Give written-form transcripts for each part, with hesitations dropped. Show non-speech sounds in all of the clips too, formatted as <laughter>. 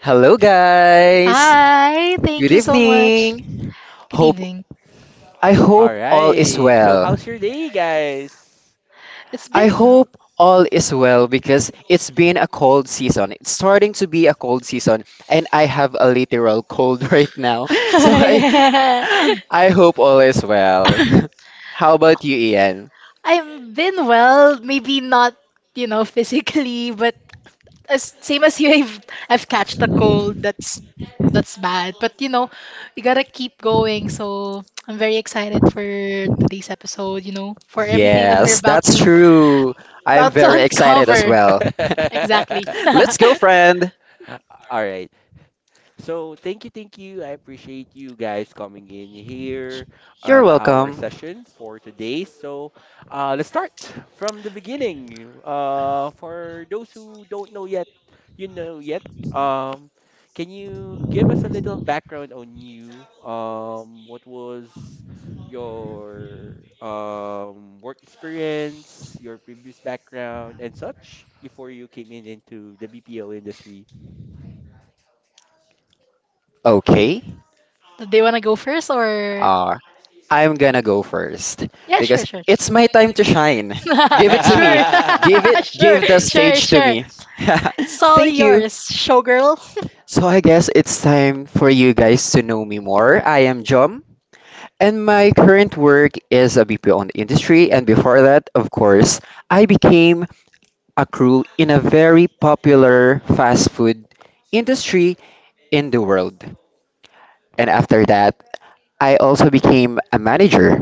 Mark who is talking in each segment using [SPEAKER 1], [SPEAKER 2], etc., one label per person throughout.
[SPEAKER 1] Hello guys.
[SPEAKER 2] Hi,
[SPEAKER 1] Good
[SPEAKER 2] thank you so much.
[SPEAKER 1] evening.
[SPEAKER 2] Good
[SPEAKER 1] Hope
[SPEAKER 2] evening.
[SPEAKER 1] I hope all is well.
[SPEAKER 2] It's been
[SPEAKER 1] I
[SPEAKER 2] well.
[SPEAKER 1] hope all is well because it's been a cold season. It's starting to be a cold season and I have a literal cold <laughs> right now. So I
[SPEAKER 2] <laughs>
[SPEAKER 1] I hope all is well. <laughs> How about you, Ian?
[SPEAKER 2] I've been well, maybe not, you know, physically, but as same as you, I've catched a cold. That's bad. But you know, you gotta keep going. So I'm very excited for today's episode, you know, for everything that we're
[SPEAKER 1] Yes,
[SPEAKER 2] about
[SPEAKER 1] that's
[SPEAKER 2] to
[SPEAKER 1] true. I'm
[SPEAKER 2] about to
[SPEAKER 1] very excited as
[SPEAKER 2] uncover.
[SPEAKER 1] well.
[SPEAKER 2] Exactly.
[SPEAKER 1] <laughs>
[SPEAKER 2] <laughs>
[SPEAKER 1] Let's go, friend. You're welcome. Okay.
[SPEAKER 2] Do they wanna go first or
[SPEAKER 1] I'm gonna go first
[SPEAKER 2] yeah, sure,
[SPEAKER 1] because
[SPEAKER 2] sure.
[SPEAKER 1] it's my time to
[SPEAKER 2] <laughs>
[SPEAKER 1] shine. Give it to
[SPEAKER 2] Sure,
[SPEAKER 1] me. Give
[SPEAKER 2] <laughs>
[SPEAKER 1] it,
[SPEAKER 2] sure,
[SPEAKER 1] give the
[SPEAKER 2] sure,
[SPEAKER 1] stage to
[SPEAKER 2] sure.
[SPEAKER 1] me. <laughs>
[SPEAKER 2] It's all
[SPEAKER 1] Thank you.
[SPEAKER 2] yours, showgirl. <laughs>
[SPEAKER 1] So I guess it's time for you guys to know me more. I am Jom, and my current work is a BPO on the industry. And before that, of course, I became a crew in a very popular fast food industry in the world. And after that, I also became a manager.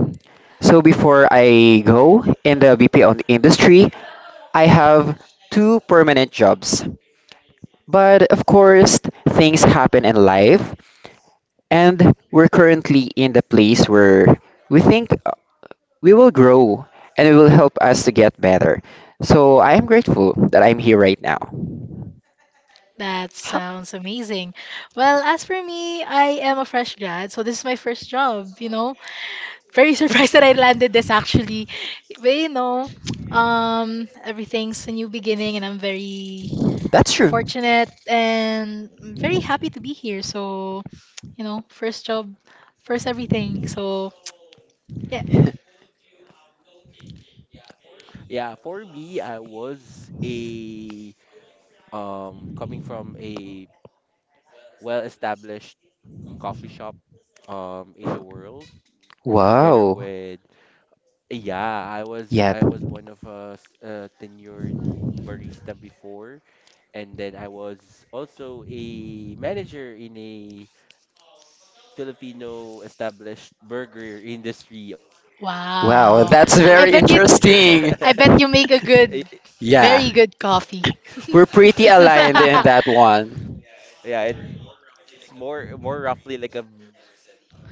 [SPEAKER 1] So before I go in the BPO industry, I have two permanent jobs. But of course, things happen in life, and we're currently in the place where we think we will grow and it will help us to get better. So I am grateful that I'm here right now.
[SPEAKER 2] That
[SPEAKER 1] Ha.
[SPEAKER 2] sounds amazing. Well, as for me, I am a fresh grad, so this is my first job, you know. Very surprised <laughs> that I landed this actually. But you know, everything's a new beginning and I'm very
[SPEAKER 1] That's true.
[SPEAKER 2] fortunate and I'm very happy to be here. So, you know, first job, first everything. So, yeah.
[SPEAKER 1] <laughs> Wow. Yeah. Wow,
[SPEAKER 2] Wow.
[SPEAKER 1] that's
[SPEAKER 2] I
[SPEAKER 1] very
[SPEAKER 2] bet you
[SPEAKER 1] interesting.
[SPEAKER 2] I bet you make a good
[SPEAKER 1] Yeah.
[SPEAKER 2] very good coffee.
[SPEAKER 1] We're pretty aligned in that
[SPEAKER 2] <laughs>
[SPEAKER 1] one.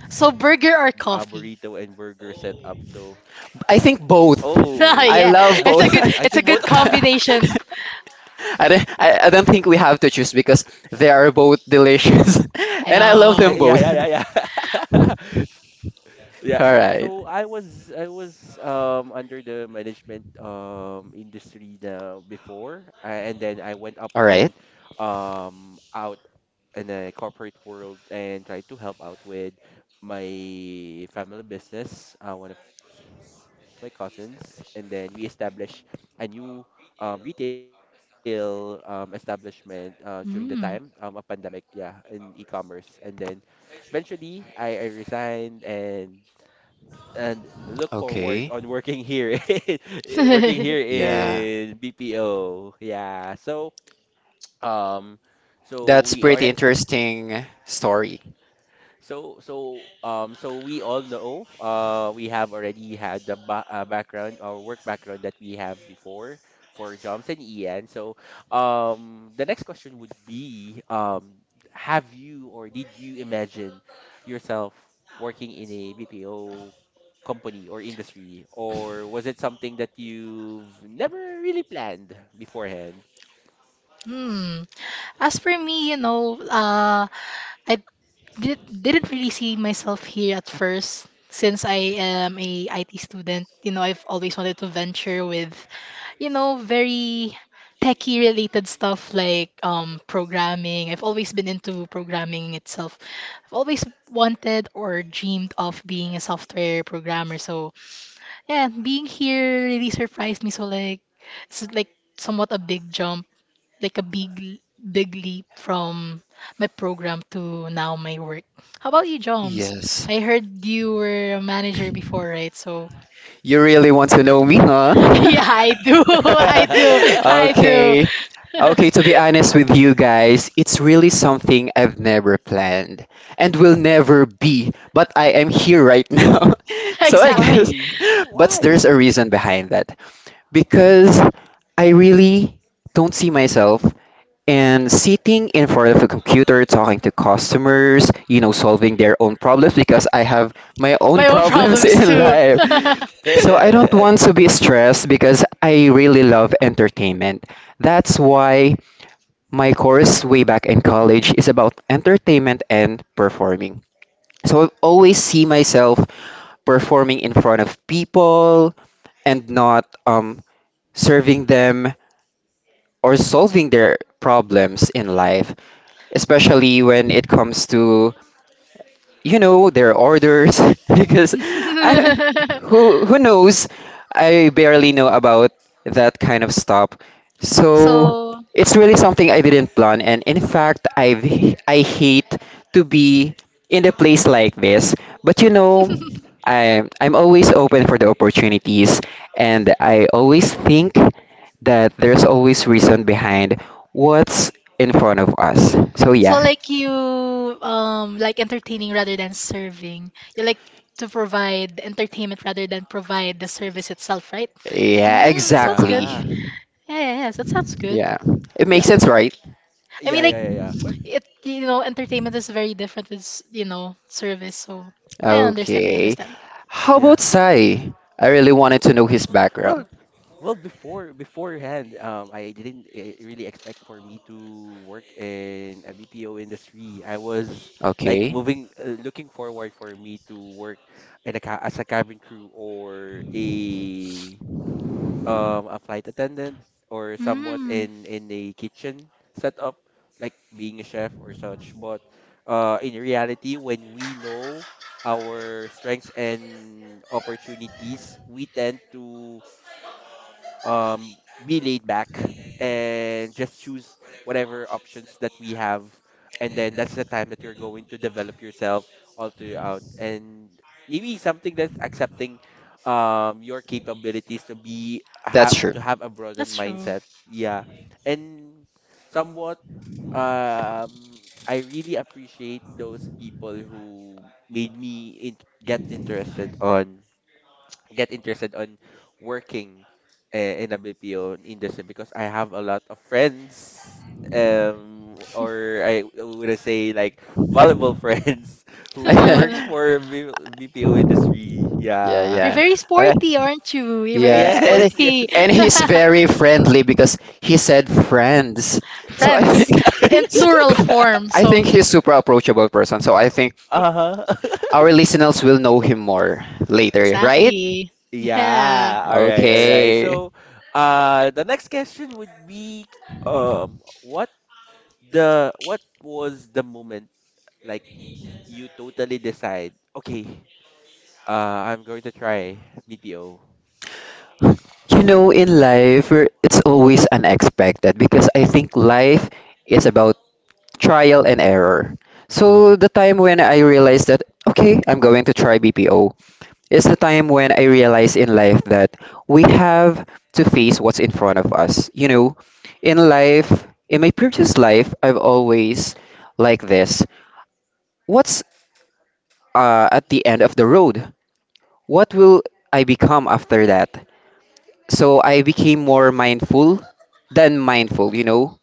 [SPEAKER 2] So burger or coffee?
[SPEAKER 1] I think both.
[SPEAKER 2] <laughs>
[SPEAKER 1] I
[SPEAKER 2] Yeah.
[SPEAKER 1] love both.
[SPEAKER 2] It's a good
[SPEAKER 1] <laughs>
[SPEAKER 2] combination.
[SPEAKER 1] I don't think we have to choose because they are both delicious <laughs>
[SPEAKER 2] I
[SPEAKER 1] and I love
[SPEAKER 2] know.
[SPEAKER 1] them both. <laughs> All right. All right.
[SPEAKER 2] Mm.
[SPEAKER 1] Okay.
[SPEAKER 2] <laughs>
[SPEAKER 1] Yeah. That's pretty interesting story.
[SPEAKER 2] Hmm. As for me, you know, I didn't really see myself here at first since I am a IT student. You know, I've always wanted to venture with, you know, very techie related stuff like programming. I've always been into programming itself. I've always wanted or dreamed of being a software programmer. So yeah, being here really surprised me. So it's like somewhat a big jump, like a big leap from my program to now my work. How about you, Joms?
[SPEAKER 1] Yes.
[SPEAKER 2] I heard you were a manager before, right? So
[SPEAKER 1] You really want to know me, huh?
[SPEAKER 2] <laughs>
[SPEAKER 1] <laughs>
[SPEAKER 2] yeah, I do. <laughs> I do. I do.
[SPEAKER 1] Okay.
[SPEAKER 2] <laughs>
[SPEAKER 1] Okay, to be honest with you guys, it's really something I've never planned and will never be, but I am here right <laughs> now. So I
[SPEAKER 2] Exactly.
[SPEAKER 1] guess, but there's a reason behind that. Because I really don't see myself and sitting in front of a computer, talking to customers, you know, solving their own problems because I have my own
[SPEAKER 2] My own
[SPEAKER 1] problems <laughs>
[SPEAKER 2] problems
[SPEAKER 1] in
[SPEAKER 2] too.
[SPEAKER 1] life.
[SPEAKER 2] <laughs>
[SPEAKER 1] So I don't want to be stressed because I really love entertainment. That's why my course way back in college is about entertainment and performing. So I always see myself performing in front of people and not serving them or solving their problems in life especially when it comes to you know their orders <laughs> because I don't, who knows I barely know about that kind of stuff so
[SPEAKER 2] So,
[SPEAKER 1] it's really something I didn't plan and in fact I hate to be in a place like this but you know I'm always open for the opportunities and I always think that there's always reason behind what's in front of us so
[SPEAKER 2] so
[SPEAKER 1] yeah.
[SPEAKER 2] like you like entertaining rather than serving. You like to provide entertainment rather than provide the service itself, right?
[SPEAKER 1] Yeah,
[SPEAKER 2] Mm, sounds good.
[SPEAKER 1] exactly.
[SPEAKER 2] Yeah, yeah, yeah, that sounds good.
[SPEAKER 1] Yeah. It makes sense, right?
[SPEAKER 2] I mean, like it, you know, entertainment is very different with, you know, service. So I understand. I
[SPEAKER 1] Okay.
[SPEAKER 2] understand.
[SPEAKER 1] How about Sai? I really wanted to know his background. Okay.
[SPEAKER 2] Mm,
[SPEAKER 1] That's true.
[SPEAKER 2] that's true. <laughs>
[SPEAKER 1] <laughs> Yeah,
[SPEAKER 2] You're
[SPEAKER 1] yeah.
[SPEAKER 2] very
[SPEAKER 1] Uh,
[SPEAKER 2] sporty, aren't you? You're very
[SPEAKER 1] yeah, and
[SPEAKER 2] sporty.
[SPEAKER 1] he's very friendly because he said friends.
[SPEAKER 2] <laughs>
[SPEAKER 1] So I
[SPEAKER 2] Friends
[SPEAKER 1] think
[SPEAKER 2] in plural form.
[SPEAKER 1] <coughs> I
[SPEAKER 2] So
[SPEAKER 1] think he's super approachable person. So I think our listeners will know him more later, right?
[SPEAKER 2] exactly. Yeah.
[SPEAKER 1] Okay. You know, in life, we're- it's always unexpected because I think life is about trial and error. So the time when I realized that, okay, I'm going to try BPO, is the time when I realized in life that we have to face what's in front of us. You know, in life, in my previous life, I've always like this. What's At the end of the road? What will I become after that? So I became more mindful than mindful, you know.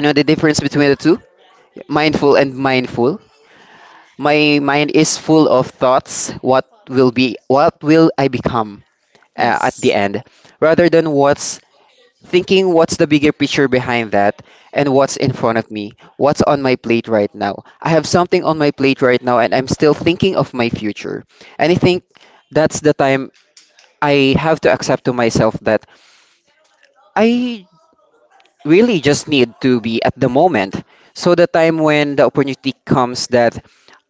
[SPEAKER 1] You know the difference between the two? Mindful and mindful. My mind is full of thoughts, what will be what will I become at the
[SPEAKER 2] Yes.
[SPEAKER 1] end, rather than what's thinking what's the bigger picture behind that and what's in front of me, what's on my plate right now. I have something on my plate right now and I'm still thinking of my future. And I think that's the time I have to accept to myself that I really just need to be at the moment. So the time when the opportunity comes that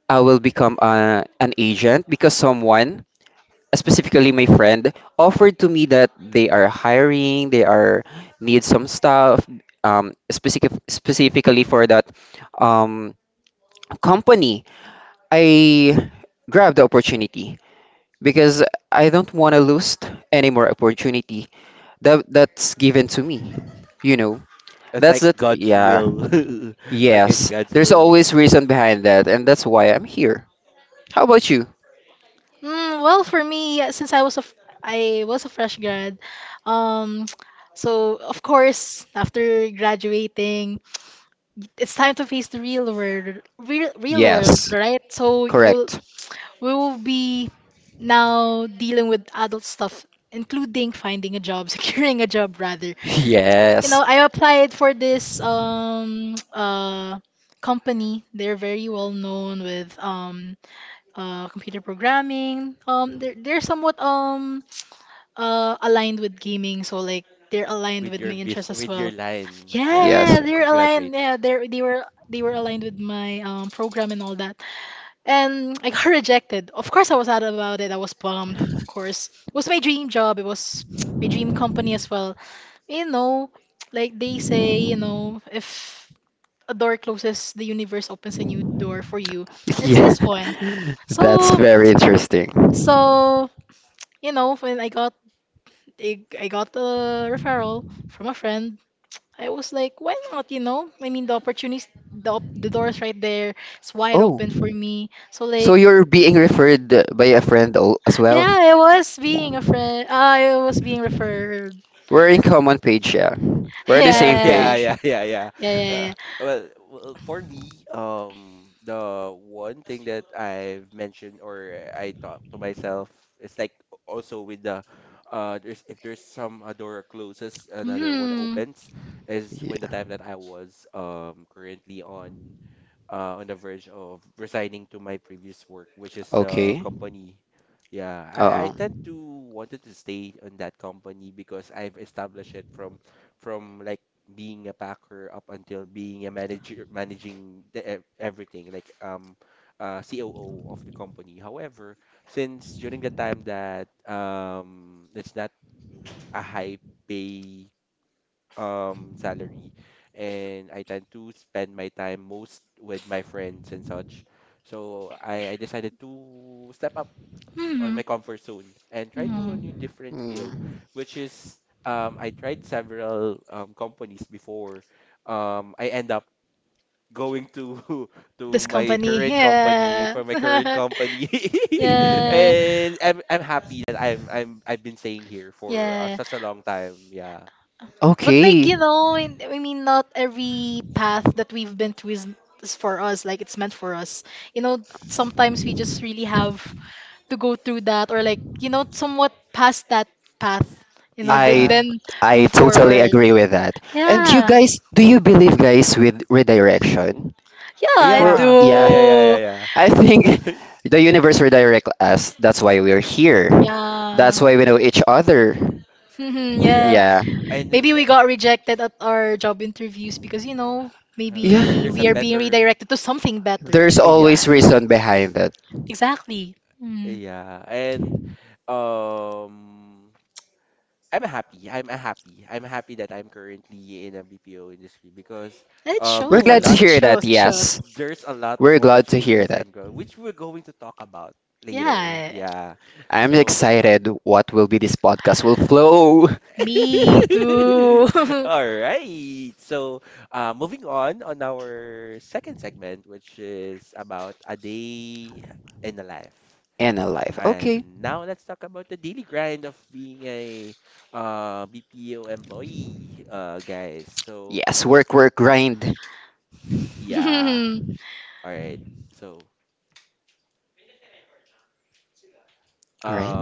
[SPEAKER 1] I will become an agent because someone, specifically my friend, offered to me that they are hiring, they are need some stuff, specifically for that um, company. I grabbed the opportunity because I don't want to lose any more opportunity that that's given to me. You know, that's it. Yeah. Yes, there's always reason behind that, and that's why I'm here. How about you?
[SPEAKER 2] Mm, well, for me, since I was a fresh grad, um, <tsk> so of course after graduating, it's time to face the real world, real, real world,
[SPEAKER 1] Yes,
[SPEAKER 2] right? So you'll
[SPEAKER 1] correct. <laughs>
[SPEAKER 2] we will be now dealing with adult stuff, including finding a job, <laughs> securing a job rather. You know,
[SPEAKER 1] Yes,
[SPEAKER 2] I applied for this <tsk> company. They're very well known with computer programming. They're somewhat aligned with gaming, so like they're aligned with my interests as well. Yeah,
[SPEAKER 1] yes,
[SPEAKER 2] yeah, they're aligned. Yeah, they were aligned with my program and all that. And I got <laughs> rejected. Of course, I was sad about it. I was bummed. Of course, it was my dream job. It was <tsk> my dream company as well. You know, like they say, you know, if a door closes, the universe opens a new door for you.
[SPEAKER 1] <laughs>
[SPEAKER 2] It's
[SPEAKER 1] yeah.
[SPEAKER 2] this one.
[SPEAKER 1] <laughs> That's
[SPEAKER 2] So,
[SPEAKER 1] very interesting.
[SPEAKER 2] so you know, when I got a referral from a friend. I was like, why not, you know? I mean, the opportunities, the door's right there. It's wide
[SPEAKER 1] Oh,
[SPEAKER 2] open for me. So
[SPEAKER 1] so
[SPEAKER 2] like,
[SPEAKER 1] you're being referred by a friend al- as well?
[SPEAKER 2] yeah, I was
[SPEAKER 1] Yeah.
[SPEAKER 2] being a friend. I was being referred. <laughs>
[SPEAKER 1] We're in common page, yeah. We're on the same
[SPEAKER 2] Yeah.
[SPEAKER 1] page.
[SPEAKER 2] Yeah, yeah, yeah. Hmm.
[SPEAKER 1] Yeah. Okay. Um.
[SPEAKER 2] Hmm. Hmm.
[SPEAKER 1] Mm.
[SPEAKER 2] This company. Yeah. <laughs> Yeah. Yeah. But like you
[SPEAKER 1] Okay.
[SPEAKER 2] know, I mean, not every path that we've been through is for us. Like it's meant for us. You know, sometimes we just really have to go through that, or like you know, somewhat past that path. You know,
[SPEAKER 1] I
[SPEAKER 2] then
[SPEAKER 1] I
[SPEAKER 2] move
[SPEAKER 1] totally
[SPEAKER 2] forward.
[SPEAKER 1] agree with that. And you
[SPEAKER 2] Yeah,
[SPEAKER 1] guys, do you believe guys with redirection?
[SPEAKER 2] yeah, I
[SPEAKER 1] For yeah,
[SPEAKER 2] do.
[SPEAKER 1] I think <laughs> the universe redirect us. That's why we're here.
[SPEAKER 2] Yeah.
[SPEAKER 1] That's why we know each other.
[SPEAKER 2] Mhm, <laughs> yeah.
[SPEAKER 1] Yeah.
[SPEAKER 2] Maybe we got rejected at our job interviews because you know
[SPEAKER 1] Yeah.
[SPEAKER 2] maybe we are being redirected to something better.
[SPEAKER 1] There's always reason behind it.
[SPEAKER 2] Exactly. Hmm. It
[SPEAKER 1] We're glad to
[SPEAKER 2] shows. It
[SPEAKER 1] hear that.
[SPEAKER 2] shows. It shows.
[SPEAKER 1] Yes. We're glad to hear that.
[SPEAKER 2] Yeah.
[SPEAKER 1] I'm excited what will be this podcast will flow
[SPEAKER 2] Me
[SPEAKER 1] <laughs>
[SPEAKER 2] too. <laughs>
[SPEAKER 1] in a life. Okay. Yes, work, work, grind. All right.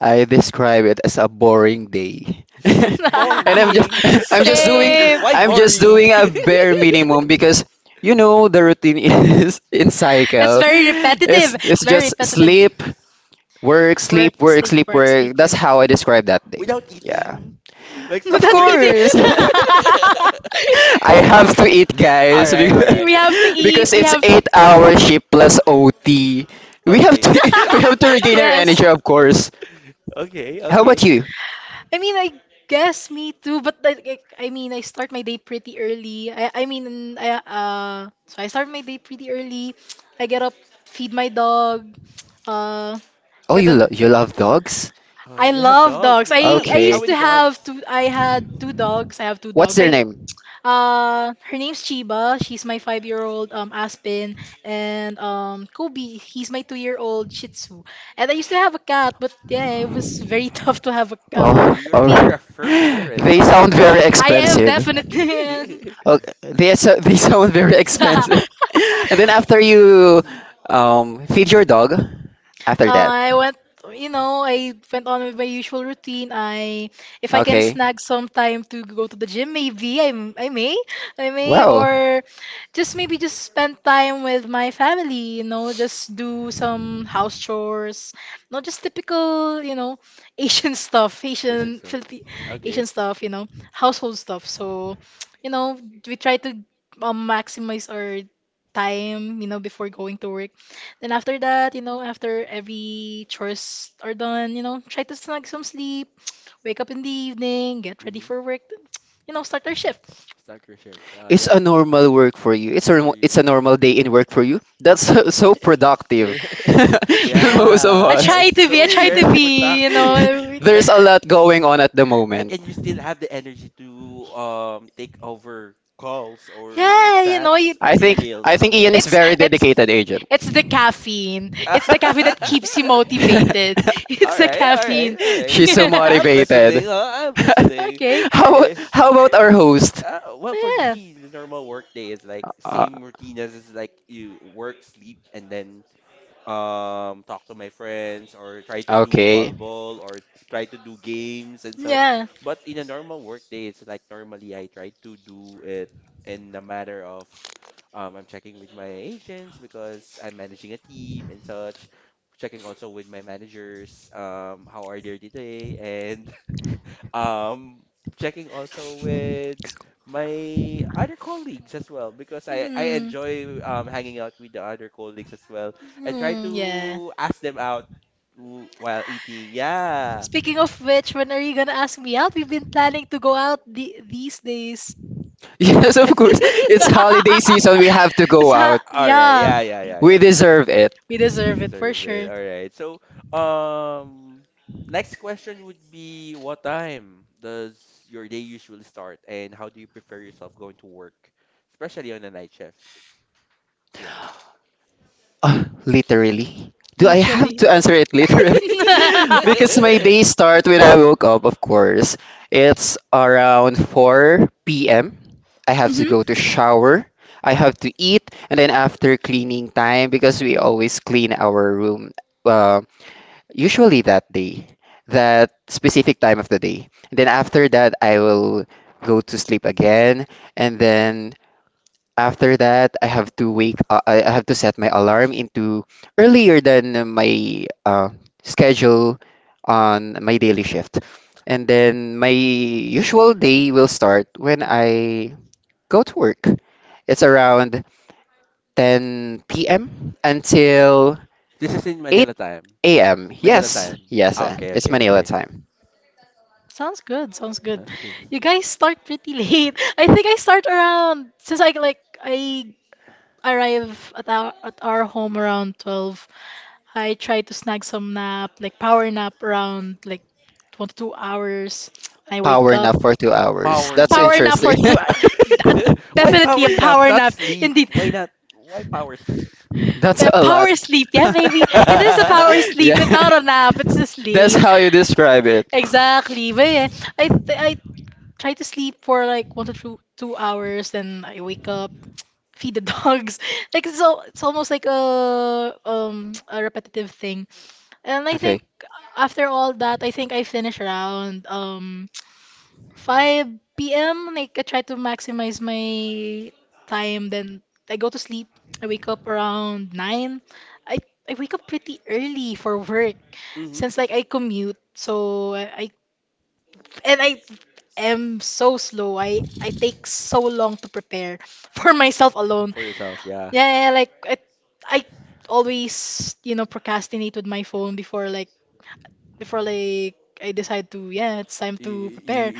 [SPEAKER 1] I describe it as a boring day. <laughs> And I'm just <laughs> I'm just doing
[SPEAKER 2] Same.
[SPEAKER 1] I'm just doing a bare minimum because you know the routine <laughs> is in
[SPEAKER 2] It's
[SPEAKER 1] cycle.
[SPEAKER 2] very
[SPEAKER 1] It's
[SPEAKER 2] repetitive.
[SPEAKER 1] it's
[SPEAKER 2] It's very
[SPEAKER 1] just
[SPEAKER 2] repetitive.
[SPEAKER 1] sleep, work,
[SPEAKER 2] Work,
[SPEAKER 1] sleep, work,
[SPEAKER 2] sleep,
[SPEAKER 1] sleep,
[SPEAKER 2] work, sleep,
[SPEAKER 1] work.
[SPEAKER 2] work.
[SPEAKER 1] That's
[SPEAKER 2] <laughs>
[SPEAKER 1] how I describe that day. Yeah. Of
[SPEAKER 2] Not eating.
[SPEAKER 1] course.
[SPEAKER 2] <laughs>
[SPEAKER 1] <laughs> I have to eat guys because,
[SPEAKER 2] We have to
[SPEAKER 1] <laughs>
[SPEAKER 2] eat.
[SPEAKER 1] because
[SPEAKER 2] We
[SPEAKER 1] it's
[SPEAKER 2] have.
[SPEAKER 1] 8-hour hour shift plus OT. We have to <laughs> we have to
[SPEAKER 2] <laughs>
[SPEAKER 1] regain our
[SPEAKER 2] Yes.
[SPEAKER 1] energy of course. How about you?
[SPEAKER 2] I mean, I guess me too, but I mean, I start my day pretty early. I mean, I, so I start my day pretty early. I get up, feed my dog, uh,
[SPEAKER 1] Oh,
[SPEAKER 2] get
[SPEAKER 1] you
[SPEAKER 2] them.
[SPEAKER 1] lo- you love dogs?
[SPEAKER 2] I love dogs. I
[SPEAKER 1] Okay.
[SPEAKER 2] used to have two, I had two dogs. I have two
[SPEAKER 1] What's
[SPEAKER 2] dogs.
[SPEAKER 1] their name?
[SPEAKER 2] Her name's Chiba. She's my five-year-old Aspen, and Kobe. He's my two-year-old Shih Tzu. And I used to have a cat, but yeah, it was very <laughs> tough to have a
[SPEAKER 1] Oh,
[SPEAKER 2] to be.
[SPEAKER 1] oh. <laughs> They sound very
[SPEAKER 2] I am
[SPEAKER 1] expensive.
[SPEAKER 2] definitely. <laughs> <laughs>
[SPEAKER 1] Oh, they so- <laughs> they sound very
[SPEAKER 2] Yeah.
[SPEAKER 1] expensive. <laughs> And then after you feed your dog after that.
[SPEAKER 2] I went, you know, I went on with my usual routine. If I can
[SPEAKER 1] Okay.
[SPEAKER 2] snag some time to go to the gym, maybe I may,
[SPEAKER 1] Wow.
[SPEAKER 2] or just maybe just spend time with my family, you know, just do some house chores, not just typical, you know, Asian <laughs> stuff, Asian stuff, you know, household stuff. So, you know, we try to maximize our time, you know, before going to work. Then after that, you know, after every chores are done, you know, try to snag some sleep, wake up in the evening, get ready for work, then, <tsk> you know, start our shift.
[SPEAKER 1] It's a normal work for you. It's a normal day in work for you. That's <laughs> so, so productive <laughs> than most of
[SPEAKER 2] <laughs>
[SPEAKER 1] us.
[SPEAKER 2] I try to be, you
[SPEAKER 1] <laughs>
[SPEAKER 2] know.
[SPEAKER 1] There's a lot going on at the moment.
[SPEAKER 2] Yeah, you know, you,
[SPEAKER 1] I think Ian is
[SPEAKER 2] it's
[SPEAKER 1] very
[SPEAKER 2] it's
[SPEAKER 1] dedicated agent.
[SPEAKER 2] it's the caffeine. It's the caffeine that keeps you motivated. <laughs>
[SPEAKER 1] <laughs>
[SPEAKER 2] It's the caffeine.
[SPEAKER 1] She's so
[SPEAKER 2] <laughs>
[SPEAKER 1] motivated. <laughs>
[SPEAKER 2] Okay.
[SPEAKER 1] How about our host?
[SPEAKER 2] Yeah.
[SPEAKER 1] Uh, okay.
[SPEAKER 2] Yeah. Hmm. Hmm. Yeah. Speaking of which, when are you gonna ask me out? We've been planning to go out these days.
[SPEAKER 1] <laughs> Yes, of course. It's holiday season. We have to
[SPEAKER 2] <laughs>
[SPEAKER 1] go out.
[SPEAKER 2] Yeah,
[SPEAKER 1] We deserve it.
[SPEAKER 2] we deserve it for sure.
[SPEAKER 1] <sighs> Literally. Do I have
[SPEAKER 2] Literally.
[SPEAKER 1] to answer it literally? <laughs>
[SPEAKER 2] <laughs>
[SPEAKER 1] Because my day start when I woke up, of course. It's around 4 p.m. I have to
[SPEAKER 2] Hmm.
[SPEAKER 1] go to shower. I have to eat, and then after cleaning time, because we always clean our room, uh, usually that day, that specific time of the day. And then after that, I will go to sleep again, and then after that, I have to set my alarm into earlier than my schedule on my daily shift. And then my usual day will start when I go to work. It's around 10 p.m. until 8 a.m. Yes, yes, it's Manila time.
[SPEAKER 2] Sounds good. Sounds good. You guys start pretty late. <laughs> I think I start around since I like I arrive at our home around 12. I tried to snag some nap, like power nap around like 1 to 2 hours. I wake
[SPEAKER 1] Power
[SPEAKER 2] up.
[SPEAKER 1] nap for 2 hours. That's
[SPEAKER 2] Power nap
[SPEAKER 1] interesting.
[SPEAKER 2] for
[SPEAKER 1] <laughs>
[SPEAKER 2] Definitely a power nap. Indeed.
[SPEAKER 1] That's
[SPEAKER 2] A
[SPEAKER 1] a lot.
[SPEAKER 2] power sleep. Yeah, baby.
[SPEAKER 1] <laughs>
[SPEAKER 2] It is a power sleep. It's
[SPEAKER 1] Yeah.
[SPEAKER 2] not a nap. It's a
[SPEAKER 1] <laughs> That's
[SPEAKER 2] sleep.
[SPEAKER 1] how you describe it.
[SPEAKER 2] Exactly. But yeah, I try to sleep for like one to two hours, then I wake up, feed the dogs. <laughs> Like it's almost like a repetitive thing. And I think
[SPEAKER 1] Okay.
[SPEAKER 2] after all that, I think I finished around <tsk> 5 p.m. Like I try to maximize my time. Then I go to sleep. I wake up around 9. I I wake up pretty early for work since like I commute. So I am so slow. I take so long to prepare <laughs> for myself alone. Yeah, yeah like I always, you know, procrastinate with my phone before like I decide to, yeah, it's time to prepare.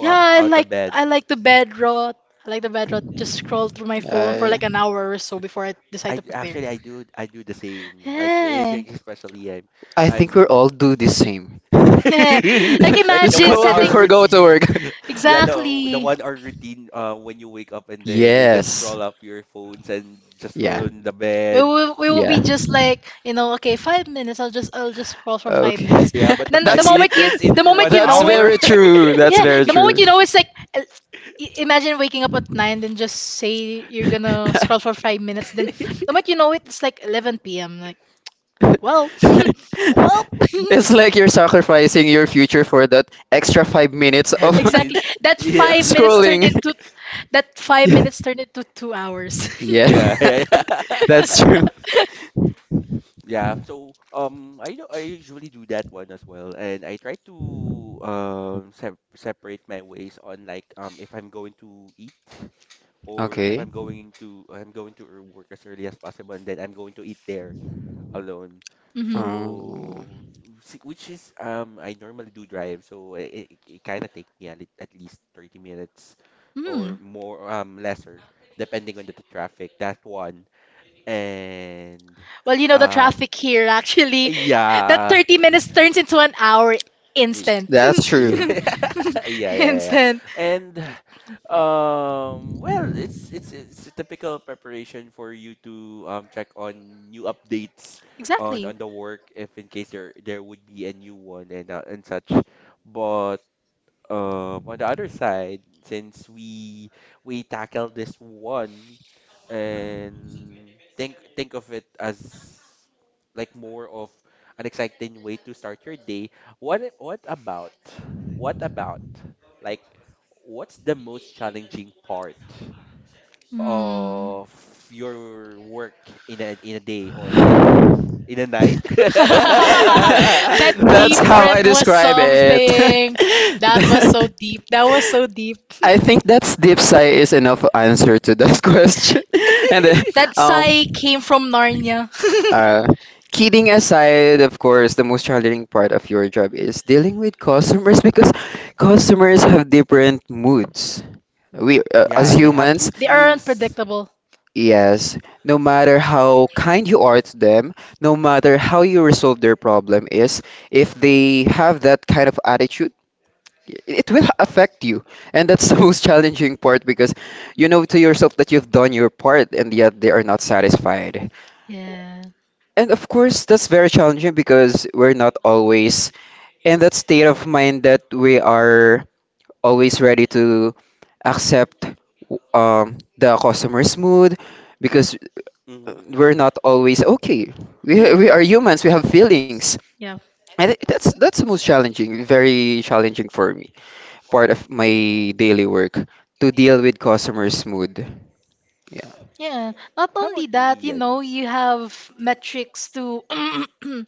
[SPEAKER 2] Yeah, I like the bed rot. I like the bed rot. Just scroll through my phone for
[SPEAKER 1] I
[SPEAKER 2] like an hour or so before I decide to prepare. Yeah,
[SPEAKER 1] I think we all do the same.
[SPEAKER 2] yeah. Like
[SPEAKER 1] <laughs> Just
[SPEAKER 2] imagine
[SPEAKER 1] scroll
[SPEAKER 2] setting
[SPEAKER 1] before go to work.
[SPEAKER 2] exactly.
[SPEAKER 1] Yes. Yeah.
[SPEAKER 2] We will be
[SPEAKER 1] Yeah.
[SPEAKER 2] just like you know okay 5 minutes I'll just scroll for five
[SPEAKER 1] Okay.
[SPEAKER 2] minutes
[SPEAKER 1] <laughs>
[SPEAKER 2] then
[SPEAKER 1] that's
[SPEAKER 2] the
[SPEAKER 1] <laughs>
[SPEAKER 2] moment you
[SPEAKER 1] that's
[SPEAKER 2] know it,
[SPEAKER 1] very true. That's
[SPEAKER 2] yeah,
[SPEAKER 1] very
[SPEAKER 2] the moment
[SPEAKER 1] true.
[SPEAKER 2] you know it's like imagine waking up at 9 then just say you're gonna scroll for
[SPEAKER 1] <laughs>
[SPEAKER 2] 5 minutes then the moment you know it it's like 11 p.m., like well
[SPEAKER 1] <laughs>
[SPEAKER 2] <laughs> well
[SPEAKER 1] It's like
[SPEAKER 2] <laughs>
[SPEAKER 1] you're sacrificing your future for that extra 5 minutes of
[SPEAKER 2] exactly
[SPEAKER 1] <laughs>
[SPEAKER 2] that five. It's minutes turned
[SPEAKER 1] scrolling.
[SPEAKER 2] ruined. Into that five
[SPEAKER 1] Yeah,
[SPEAKER 2] minutes turned into 2 hours.
[SPEAKER 1] yeah. <laughs> That's true.
[SPEAKER 2] <laughs>
[SPEAKER 1] Okay.
[SPEAKER 2] Hmm.
[SPEAKER 1] Um,
[SPEAKER 2] Mm. Well, you know the traffic here actually. <laughs> That 30 minutes turns into an hour instant.
[SPEAKER 1] that's true.
[SPEAKER 2] <laughs> Instant. Exactly. Hmm. <laughs> That
[SPEAKER 1] <laughs> That's
[SPEAKER 2] deep
[SPEAKER 1] how
[SPEAKER 2] breath
[SPEAKER 1] I
[SPEAKER 2] was
[SPEAKER 1] describe it. <laughs>
[SPEAKER 2] something. That was so deep. That was so deep.
[SPEAKER 1] I think that's deep sigh is enough answer to that <laughs> question. And then,
[SPEAKER 2] That
[SPEAKER 1] um,
[SPEAKER 2] sigh came from Narnia. <laughs>
[SPEAKER 1] Uh, kidding aside, of course, the most challenging part of your job is dealing with customers <laughs> because customers have different moods. We, as humans,
[SPEAKER 2] They are unpredictable.
[SPEAKER 1] yes, no matter how kind you are to them, no matter how you resolve their problem is, if they have that kind of attitude, it will affect you. And that's <laughs> the most challenging part because you know to yourself that you've done your part and yet they are not satisfied.
[SPEAKER 2] Yeah.
[SPEAKER 1] And of course, that's very challenging because we're not always in that state of mind that we are always ready to accept the customer's mood because we're not always okay.
[SPEAKER 2] Yeah.
[SPEAKER 1] We are humans, we have feelings.
[SPEAKER 2] Yeah.
[SPEAKER 1] And that's the most challenging, very challenging for me, part of my daily work to deal with customer's mood. Yeah.
[SPEAKER 2] Yeah, not only that, you know, you have metrics to <clears throat>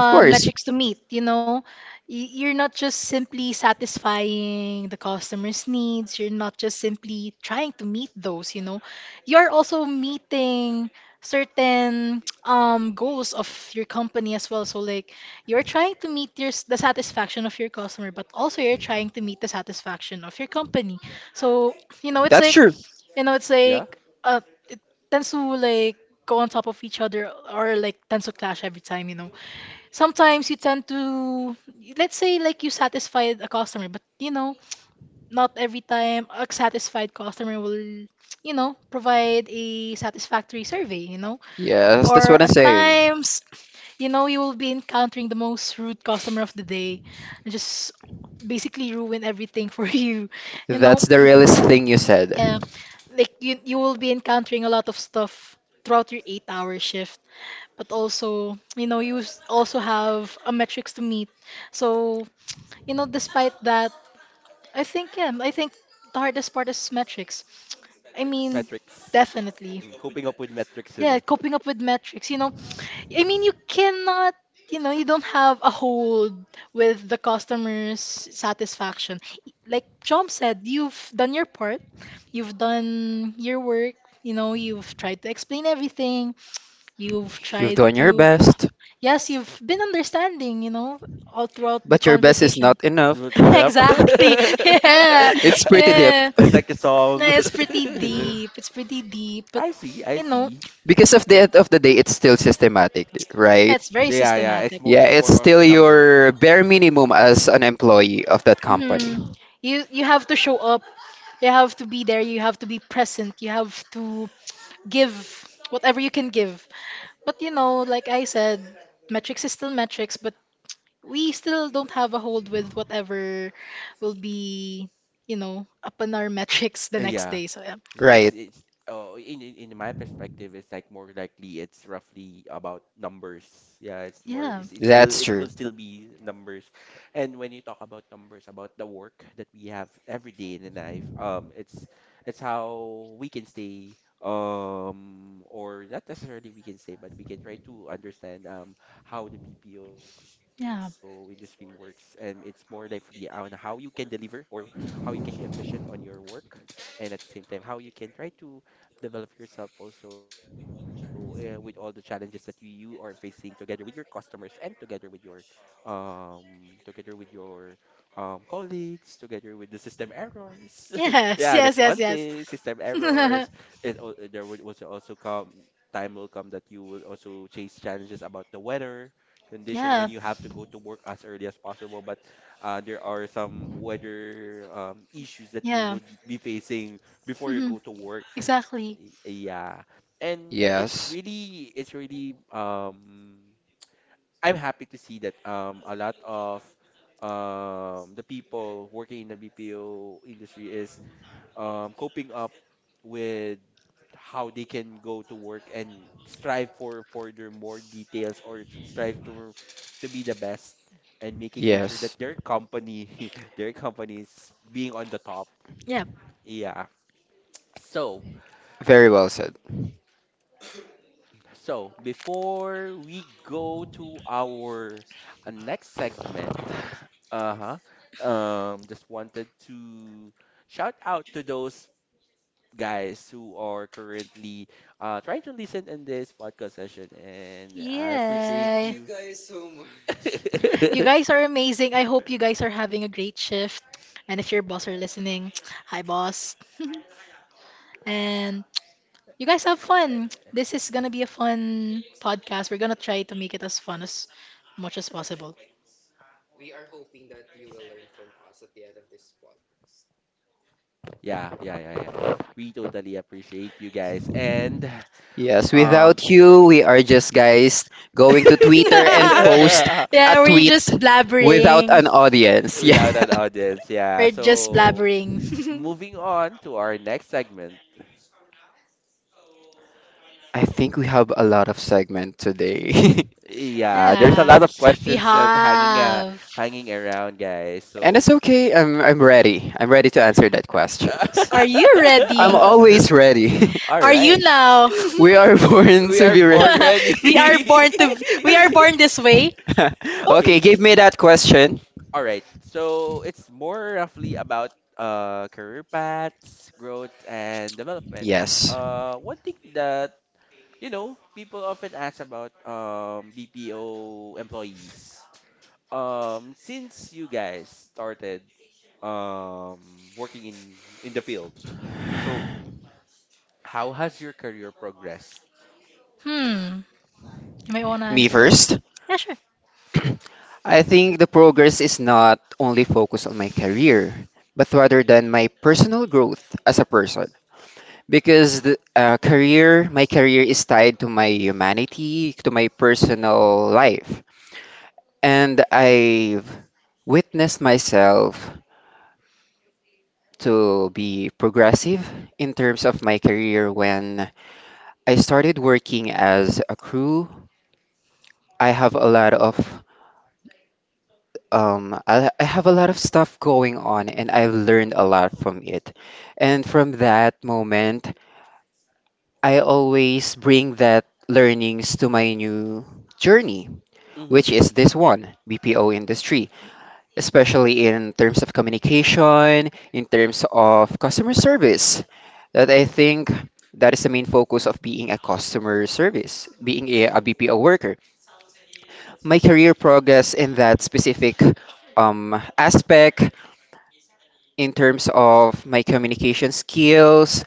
[SPEAKER 1] Of course.
[SPEAKER 2] metrics to meet, you know. You're not just simply satisfying the customer's needs, you're not just simply trying to meet those, you know. You're also meeting certain <tsk> goals of your company as well. So like you're trying to meet the satisfaction of your customer, but also you're trying to meet the satisfaction of your company. So, you know,
[SPEAKER 1] That's true.
[SPEAKER 2] it's like uh, it tends to like go on top of each other or like tends to clash every time, you know. Sometimes you tend to, let's say like, you satisfied a customer, but you know, not every time a satisfied customer will, you know, provide a satisfactory survey, you know.
[SPEAKER 1] Yes, that's
[SPEAKER 2] Or
[SPEAKER 1] what I'm
[SPEAKER 2] at
[SPEAKER 1] saying.
[SPEAKER 2] times, you know, you will be encountering the most rude customer of the day and just basically ruin everything <laughs> for you, you know.
[SPEAKER 1] That's the realest thing you
[SPEAKER 2] Yeah,
[SPEAKER 1] said.
[SPEAKER 2] like you will be encountering a lot of stuff throughout your eight-hour shift, but also, you know, also have a metrics to meet. So, you know, despite that, I think yeah, I think the hardest part is metrics. I mean, definitely. Yeah, coping up with metrics. You know, I mean, you cannot, you know, you don't have a hold with the customer's satisfaction. Like John said, you've done your part, you've done your work, you know, you've tried to explain everything, you've
[SPEAKER 1] You've
[SPEAKER 2] tried
[SPEAKER 1] done your
[SPEAKER 2] to,
[SPEAKER 1] best,
[SPEAKER 2] yes, you've been understanding, you know, all throughout the
[SPEAKER 1] but your best is
[SPEAKER 2] conversation.
[SPEAKER 1] not
[SPEAKER 2] <laughs>
[SPEAKER 1] enough. <laughs>
[SPEAKER 2] Exactly. Yeah.
[SPEAKER 1] It's pretty deep.
[SPEAKER 2] Yeah. No, it's pretty deep. It's pretty deep, but you know,
[SPEAKER 1] <laughs> Because of the end of the day, it's still systematic, right?
[SPEAKER 2] it's very systematic.
[SPEAKER 1] Yeah, it's still your bare minimum as an employee of that company.
[SPEAKER 2] Mhm. You have to show up. You have to be there. You have to be present. You have to give whatever you can give. But you know, like I said, metrics is still metrics, but we still don't have a hold with whatever will be, you know, up in our <laughs> metrics the next day. So yeah.
[SPEAKER 1] Right.
[SPEAKER 2] Yeah.
[SPEAKER 1] That's true.
[SPEAKER 2] Yeah. Yes, yes, yes, yes. <laughs> yeah. Yeah. Mhm. Exactly.
[SPEAKER 1] Yes. Yes.
[SPEAKER 2] Yeah.
[SPEAKER 1] Very well said.
[SPEAKER 2] Yay. You guys are amazing. I hope you guys are having a great shift. And if your boss are listening, <tsk> hi boss. <laughs> And you guys have fun. This is gonna be a fun podcast. We're gonna try to make it as fun as much as possible.
[SPEAKER 1] Yes, without you, we are just guys going to Twitter and
[SPEAKER 2] <laughs>
[SPEAKER 1] post a
[SPEAKER 2] Yeah, we're
[SPEAKER 1] tweet
[SPEAKER 2] just
[SPEAKER 1] without
[SPEAKER 2] blabbering.
[SPEAKER 1] an audience. <laughs> Yeah.
[SPEAKER 2] We're just blabbering. <laughs>
[SPEAKER 1] I think we have a lot of segment today.
[SPEAKER 2] Yeah, we have.
[SPEAKER 1] <laughs> And it's okay. I'm ready. I'm ready to answer that questions.
[SPEAKER 2] Are you
[SPEAKER 1] I'm
[SPEAKER 2] ready?
[SPEAKER 1] always ready.
[SPEAKER 2] Are you now?
[SPEAKER 1] <laughs> We are born to be ready.
[SPEAKER 2] <laughs> we are born to
[SPEAKER 1] <laughs>
[SPEAKER 2] we are born this way. Oh.
[SPEAKER 1] Okay, give me that question. Yes.
[SPEAKER 2] Hmm. You might want to
[SPEAKER 1] Me
[SPEAKER 2] answer first.
[SPEAKER 1] first.
[SPEAKER 2] Yeah, sure.
[SPEAKER 1] <clears throat> I think the progress is not only focused on my career, but rather than my personal growth as a person. Because the career, my career is tied to my humanity, to my personal life. And I've witnessed myself to be progressive in terms of my career when I started working as a crew. I have a lot of I have a lot of stuff going on and I've learned a lot from it. And from that moment, I always bring that learnings to my new journey, which is this one, BPO industry, especially in terms of communication, in terms of customer service. That I think that is the main focus of being a customer service, being a BPO worker. My career progress in that specific um, aspect in terms of my communication skills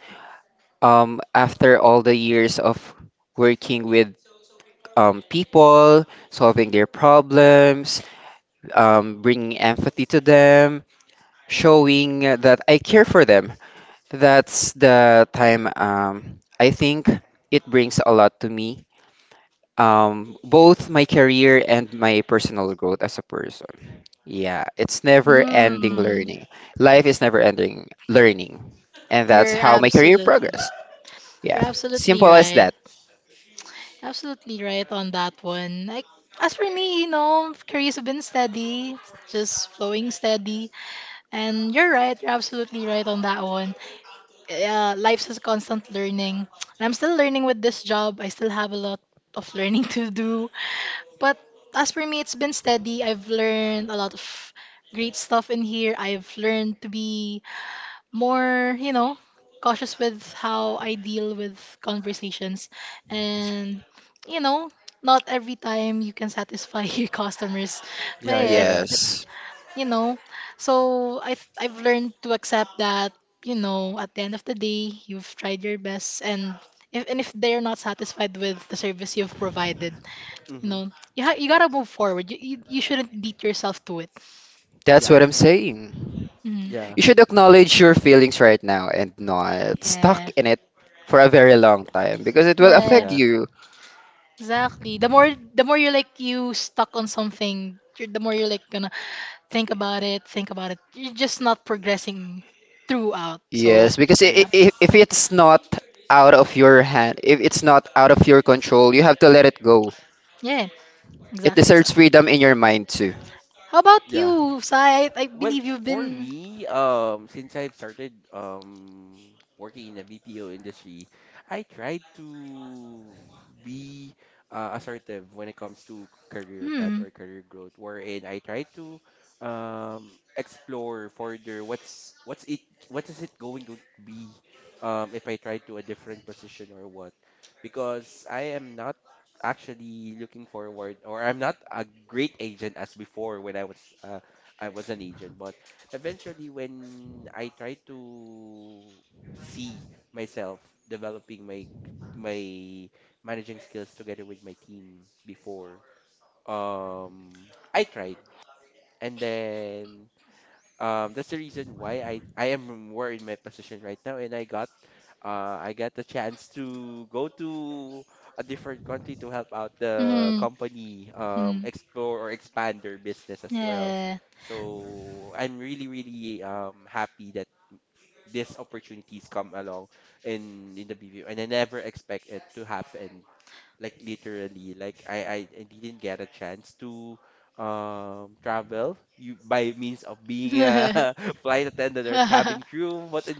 [SPEAKER 1] after all the years of working with people, solving their problems, bringing empathy to them, showing that I care for them. That's the time I think it brings a lot to me, both my career and my personal growth as a person. Yeah, it's never ending
[SPEAKER 2] Hmm.
[SPEAKER 1] learning. Life is never ending learning. And that's
[SPEAKER 2] You're
[SPEAKER 1] how my career
[SPEAKER 2] absolutely
[SPEAKER 1] progressed. Yeah,
[SPEAKER 2] you're absolutely
[SPEAKER 1] simple as
[SPEAKER 2] right.
[SPEAKER 1] that.
[SPEAKER 2] Absolutely right on that one. Like as for me, you know, careers have been steady, just flowing steady. And you're right, you're absolutely right on that one. Uh, life's a constant learning. And I'm still learning with this job. I still have a lot of learning <laughs> to do. But as for me, it's been steady. I've learned a lot of great stuff in here. I've learned to be more, you know, cautious with how I deal with conversations. And, you know, not every time you can satisfy <laughs> your customers. But yeah,
[SPEAKER 1] Yes,
[SPEAKER 2] you know. So I've learned to accept that, you know, at the end of the day, you've tried your best and if they're not satisfied with the service you've provided, you know, you gotta move forward. You shouldn't beat yourself to it.
[SPEAKER 1] that's what I'm saying.
[SPEAKER 2] Hmm.
[SPEAKER 1] You should acknowledge your feelings right now and not stuck
[SPEAKER 2] Yeah.
[SPEAKER 1] in it for a very long time because it will
[SPEAKER 2] Yeah.
[SPEAKER 1] affect you.
[SPEAKER 2] Exactly. The more you're like you stuck on something, you're, the more you're like gonna think about it, think about it. You're just not progressing throughout. So
[SPEAKER 1] Yes, because i-
[SPEAKER 2] yeah.
[SPEAKER 1] i- if it's not out of your hand, if it's not out of your control, you have to let it go.
[SPEAKER 2] Yeah,
[SPEAKER 1] It
[SPEAKER 2] exactly,
[SPEAKER 1] deserves
[SPEAKER 2] exactly.
[SPEAKER 1] freedom in your mind too.
[SPEAKER 2] How about you, Sai? I believe you've been. Hmm. Hmm. Hmm. Yeah. <laughs>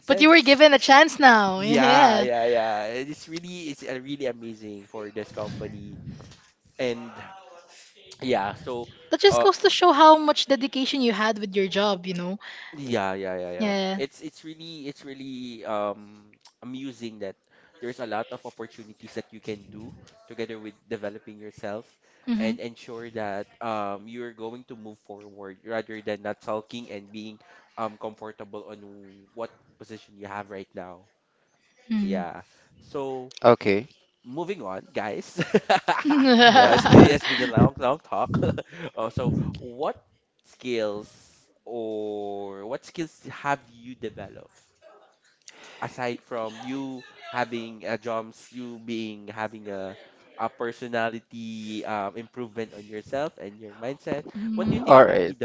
[SPEAKER 2] But you were given a chance now. Yeah. That just goes to show how much dedication you had with your job, you know? Yeah. Mm-hmm.
[SPEAKER 1] Okay. Yes.
[SPEAKER 2] Mm-hmm. <laughs>
[SPEAKER 1] <laughs> All right.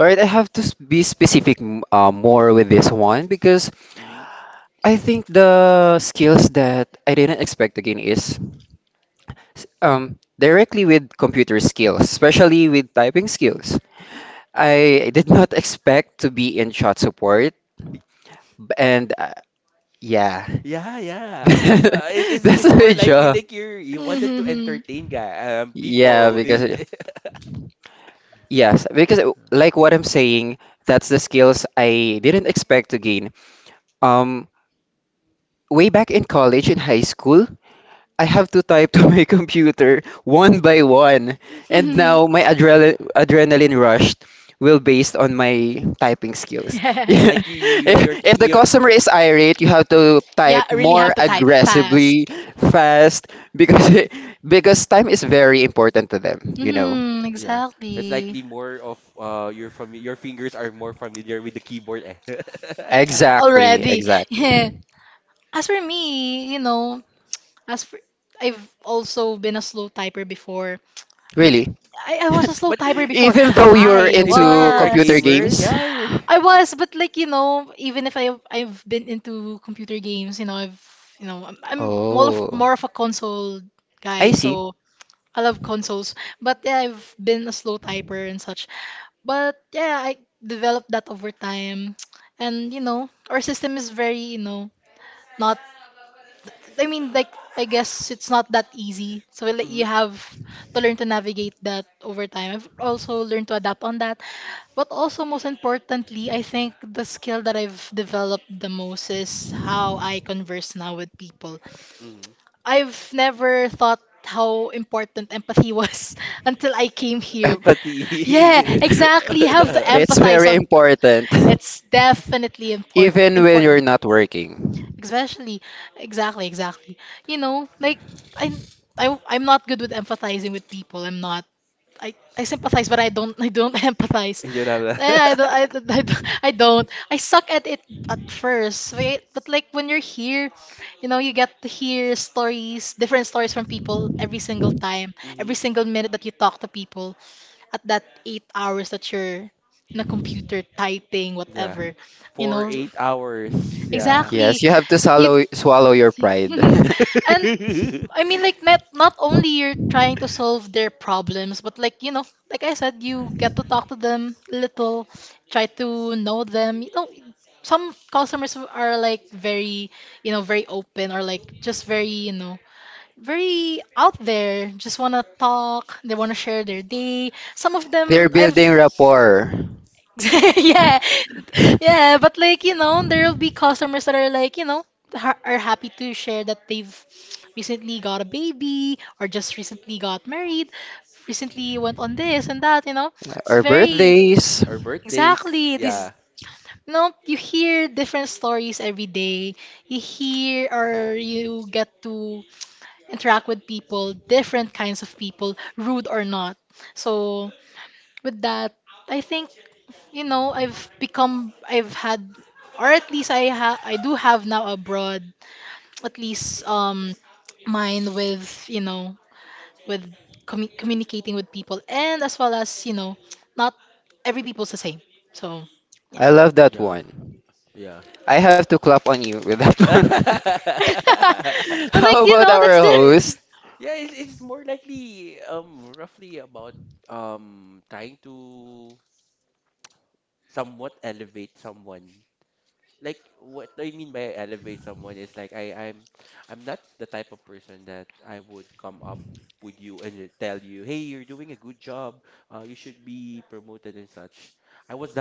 [SPEAKER 1] All right. I have to be specific, more with this one because I think the skills that I didn't expect to gain is directly with computer skills, especially with typing skills. I did not <laughs> expect to be in chat support, b- and yeah, <laughs> that's my job.
[SPEAKER 2] Hmm. Hmm.
[SPEAKER 1] Yeah, because yes, because like what I'm saying, that's the skills I didn't expect to gain. Um, Way back in college, in high school, I have to type to my <laughs> computer one by one, and now my adrenaline rush will based on my typing skills. <laughs>
[SPEAKER 2] Yeah.
[SPEAKER 1] Yeah. If
[SPEAKER 2] It-
[SPEAKER 1] if the customer is irate, you have to
[SPEAKER 2] yeah,
[SPEAKER 1] type
[SPEAKER 2] I really
[SPEAKER 1] more
[SPEAKER 2] have to type fast.
[SPEAKER 1] aggressively, fast, because <laughs> because time is very important to them, you know.
[SPEAKER 2] Mm-hmm, exactly.
[SPEAKER 1] Exactly,
[SPEAKER 2] Already. <laughs> Yeah.
[SPEAKER 1] exactly.
[SPEAKER 2] As for me, you know, as for I've also been a slow typer before, but
[SPEAKER 1] Really.
[SPEAKER 2] I was a slow typer
[SPEAKER 1] <laughs>
[SPEAKER 2] before.
[SPEAKER 1] Even though you're
[SPEAKER 2] I
[SPEAKER 1] into
[SPEAKER 2] was.
[SPEAKER 1] computer games?
[SPEAKER 2] I was, but like you know, even if I've been into computer games, you know, I'm
[SPEAKER 1] Oh,
[SPEAKER 2] more of a console
[SPEAKER 1] I
[SPEAKER 2] guy,
[SPEAKER 1] see.
[SPEAKER 2] so I love consoles. But yeah, I've been a slow typer and such. But yeah, I developed that over time, and you know, our system is very you know not I mean, like, I guess it's not that easy. So like, you have to learn to navigate that over time. I've also learned to adapt on that. But also, most importantly, I think the skill that I've developed the most is how I converse now with people. I've never thought how important empathy was <laughs> until I came here. Yeah, exactly. You have to
[SPEAKER 1] It's
[SPEAKER 2] empathize
[SPEAKER 1] very
[SPEAKER 2] on.
[SPEAKER 1] important.
[SPEAKER 2] It's definitely
[SPEAKER 1] <laughs>
[SPEAKER 2] important.
[SPEAKER 1] Even when you're
[SPEAKER 2] Important.
[SPEAKER 1] not working.
[SPEAKER 2] Especially, exactly, exactly. You know, like I, I'm not good with empathizing with people. I'm not. I sympathize, but I don't <laughs> empathize. Eh, I don't. I, <laughs> don't- I, don't- I don't. I suck at it at first. But like when you're here, you know, you get to hear stories, different stories from people every single time, every single minute that you talk to people. At that eight hours that you're in a computer typing, whatever, you know,
[SPEAKER 1] Yes,
[SPEAKER 2] exactly
[SPEAKER 1] you have to
[SPEAKER 2] you
[SPEAKER 1] swallow your pride.
[SPEAKER 2] <laughs> and I mean, like, not only you're trying to solve their problems, but like you know, like I said, you get to talk to them a little, try to know them. You know, some customers who are like very open or like just very, you know, very out there. Just wanna talk. They wanna share their day. Some of
[SPEAKER 1] <laughs>
[SPEAKER 2] them
[SPEAKER 1] They're
[SPEAKER 2] I've
[SPEAKER 1] building rapport.
[SPEAKER 2] <laughs> yeah,
[SPEAKER 1] <laughs>
[SPEAKER 2] yeah, but like, you know, there will be customers that are like, are happy to share that they've recently got a baby or just recently got married, recently went on this and that, you know. It's
[SPEAKER 1] Our
[SPEAKER 2] very,
[SPEAKER 1] birthdays.
[SPEAKER 2] exactly, you know, you hear different stories every day. You hear or you get to interact with people, different kinds of people, rude or not. So, with that, I think you know I've had or at least I do have now a broad, at least, um, mind with you know, with communicating with people, and as well as you know, not every people's the same. So yeah.
[SPEAKER 1] I love that one. I have to clap on you with that <laughs> one.
[SPEAKER 2] <laughs>
[SPEAKER 1] <laughs>
[SPEAKER 2] But
[SPEAKER 1] How
[SPEAKER 2] like you
[SPEAKER 1] about
[SPEAKER 2] know, that's
[SPEAKER 1] our
[SPEAKER 2] the
[SPEAKER 1] host?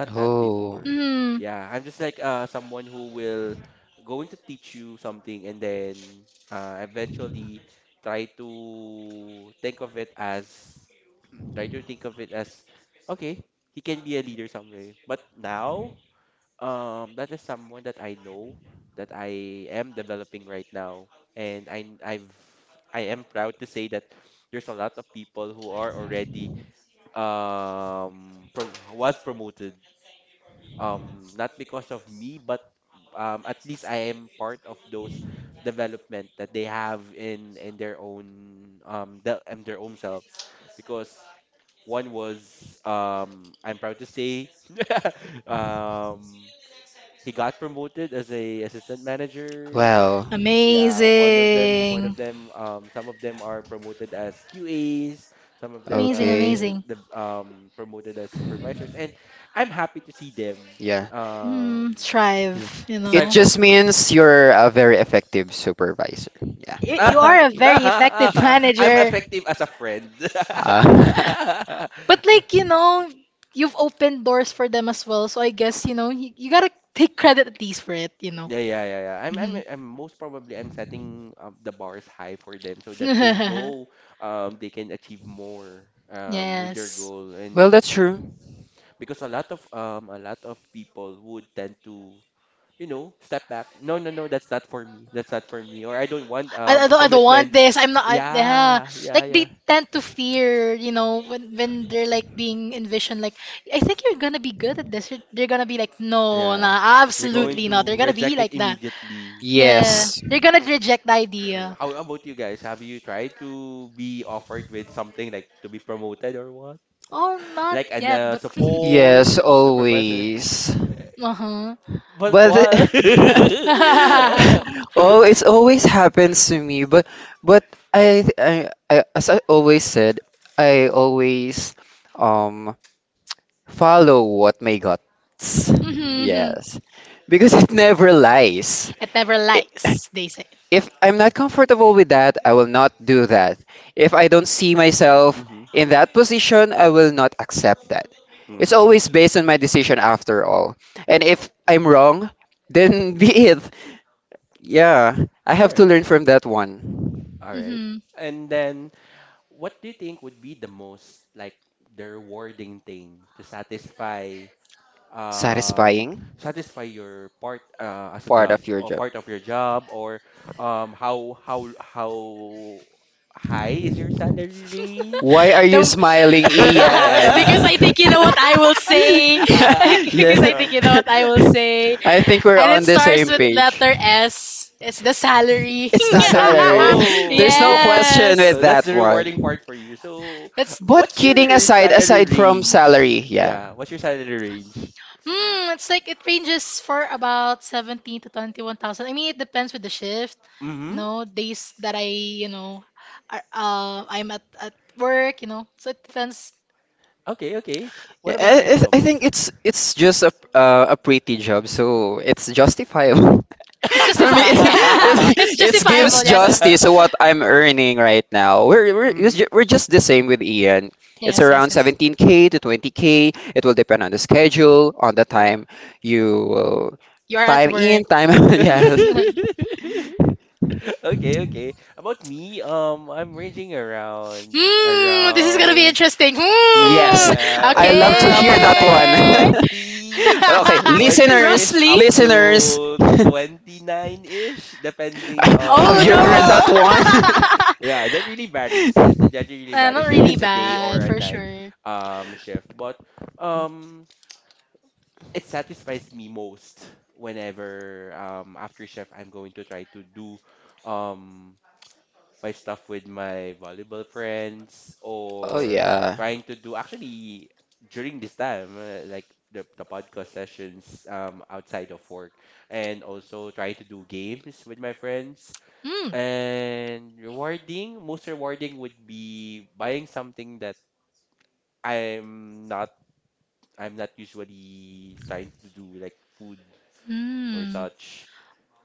[SPEAKER 1] Oh,
[SPEAKER 2] mm,
[SPEAKER 1] well,
[SPEAKER 2] amazing
[SPEAKER 1] okay.
[SPEAKER 2] amazing
[SPEAKER 1] Yeah.
[SPEAKER 2] mm,
[SPEAKER 1] Yeah.
[SPEAKER 2] strive you
[SPEAKER 1] It
[SPEAKER 2] know.
[SPEAKER 1] just means you're a very effective supervisor. Yeah.
[SPEAKER 2] You are a very effective <laughs> manager.
[SPEAKER 1] Uh,
[SPEAKER 2] But like, you know, you've opened doors for them as well. So I guess, you know, you gotta take credit at least for it, you know. Mhm. <laughs> yes.
[SPEAKER 1] <laughs> well, that's true.
[SPEAKER 2] I don't want this. I'm not I, yeah. Like they tend to fear, you know, when they're like being envisioned like I think you're gonna be good at this. They're gonna be like, no, nah,
[SPEAKER 1] Yeah.
[SPEAKER 2] absolutely not. They're gonna be like that. Yeah.
[SPEAKER 1] Yes.
[SPEAKER 2] They're gonna reject the idea. Oh, not yet, but
[SPEAKER 1] Yes, always.
[SPEAKER 2] <laughs>
[SPEAKER 1] But <laughs>
[SPEAKER 2] uh-huh.
[SPEAKER 1] oh, it's always happens to me. But I as I always said, I always um follow what my guts.
[SPEAKER 2] <laughs>
[SPEAKER 1] Yes. Because it never lies.
[SPEAKER 2] It never
[SPEAKER 1] I-
[SPEAKER 2] lies, they say.
[SPEAKER 1] <laughs> If I'm not comfortable with that, I will not do that. If I don't see myself in that position, I will not accept that. It's always based on my decision after all. And if I'm wrong, then <laughs> be it. Yeah, I have to learn from that one.
[SPEAKER 2] Hmm.
[SPEAKER 1] Satisfying part of your job. Why are
[SPEAKER 2] The,
[SPEAKER 1] you smiling,
[SPEAKER 2] <laughs>
[SPEAKER 1] Ian? <laughs>
[SPEAKER 2] because I think you know what I will say. <laughs> Because
[SPEAKER 1] Yeah.
[SPEAKER 2] I think you know what I will
[SPEAKER 1] <laughs>
[SPEAKER 2] say.
[SPEAKER 1] I think we're
[SPEAKER 2] And it
[SPEAKER 1] on the
[SPEAKER 2] starts
[SPEAKER 1] same
[SPEAKER 2] with
[SPEAKER 1] page.
[SPEAKER 2] letter S. It's the salary.
[SPEAKER 1] It's the salary.
[SPEAKER 2] <laughs>
[SPEAKER 1] <laughs> There's no question
[SPEAKER 2] Yes.
[SPEAKER 1] with that one.
[SPEAKER 2] It's
[SPEAKER 1] But kidding aside, aside from salary, yeah.
[SPEAKER 2] hmm, it's like it ranges for about 17 to 21,000. I mean, it depends with the shift. You know, days that you know, I'm at work, you know. So it depends.
[SPEAKER 1] Yeah, I think it's just a pretty job, so it's justifiable. <laughs>
[SPEAKER 2] It's
[SPEAKER 1] For
[SPEAKER 2] justify.
[SPEAKER 1] me,
[SPEAKER 2] <laughs> Yeah,
[SPEAKER 1] it
[SPEAKER 2] it's
[SPEAKER 1] it
[SPEAKER 2] justifiable.
[SPEAKER 1] gives
[SPEAKER 2] Yes, yes,
[SPEAKER 1] justice to
[SPEAKER 2] yes,
[SPEAKER 1] what I'm earning right now. We're we're just the same with Ian. It's
[SPEAKER 2] yes, yes.
[SPEAKER 1] around
[SPEAKER 2] Yes.
[SPEAKER 1] 17k to 20k. It will depend on the schedule, on the time you will
[SPEAKER 2] You are at
[SPEAKER 1] time
[SPEAKER 2] work.
[SPEAKER 1] in, time <laughs>
[SPEAKER 2] <laughs>
[SPEAKER 1] Yes.
[SPEAKER 2] Hmm, this is gonna be interesting.
[SPEAKER 1] Yes,
[SPEAKER 2] Hmm.
[SPEAKER 1] I love to hear that one.
[SPEAKER 2] Okay.
[SPEAKER 1] <laughs> Okay,
[SPEAKER 2] <laughs>
[SPEAKER 1] listeners,
[SPEAKER 2] Roughly.
[SPEAKER 1] listeners. <laughs> <laughs> Have
[SPEAKER 2] Oh,
[SPEAKER 1] you
[SPEAKER 2] drum
[SPEAKER 1] heard that one?
[SPEAKER 2] roll. <laughs>
[SPEAKER 1] <laughs>
[SPEAKER 2] Not really bad, for sure.
[SPEAKER 1] Oh yeah.
[SPEAKER 2] Hmm. Hmm.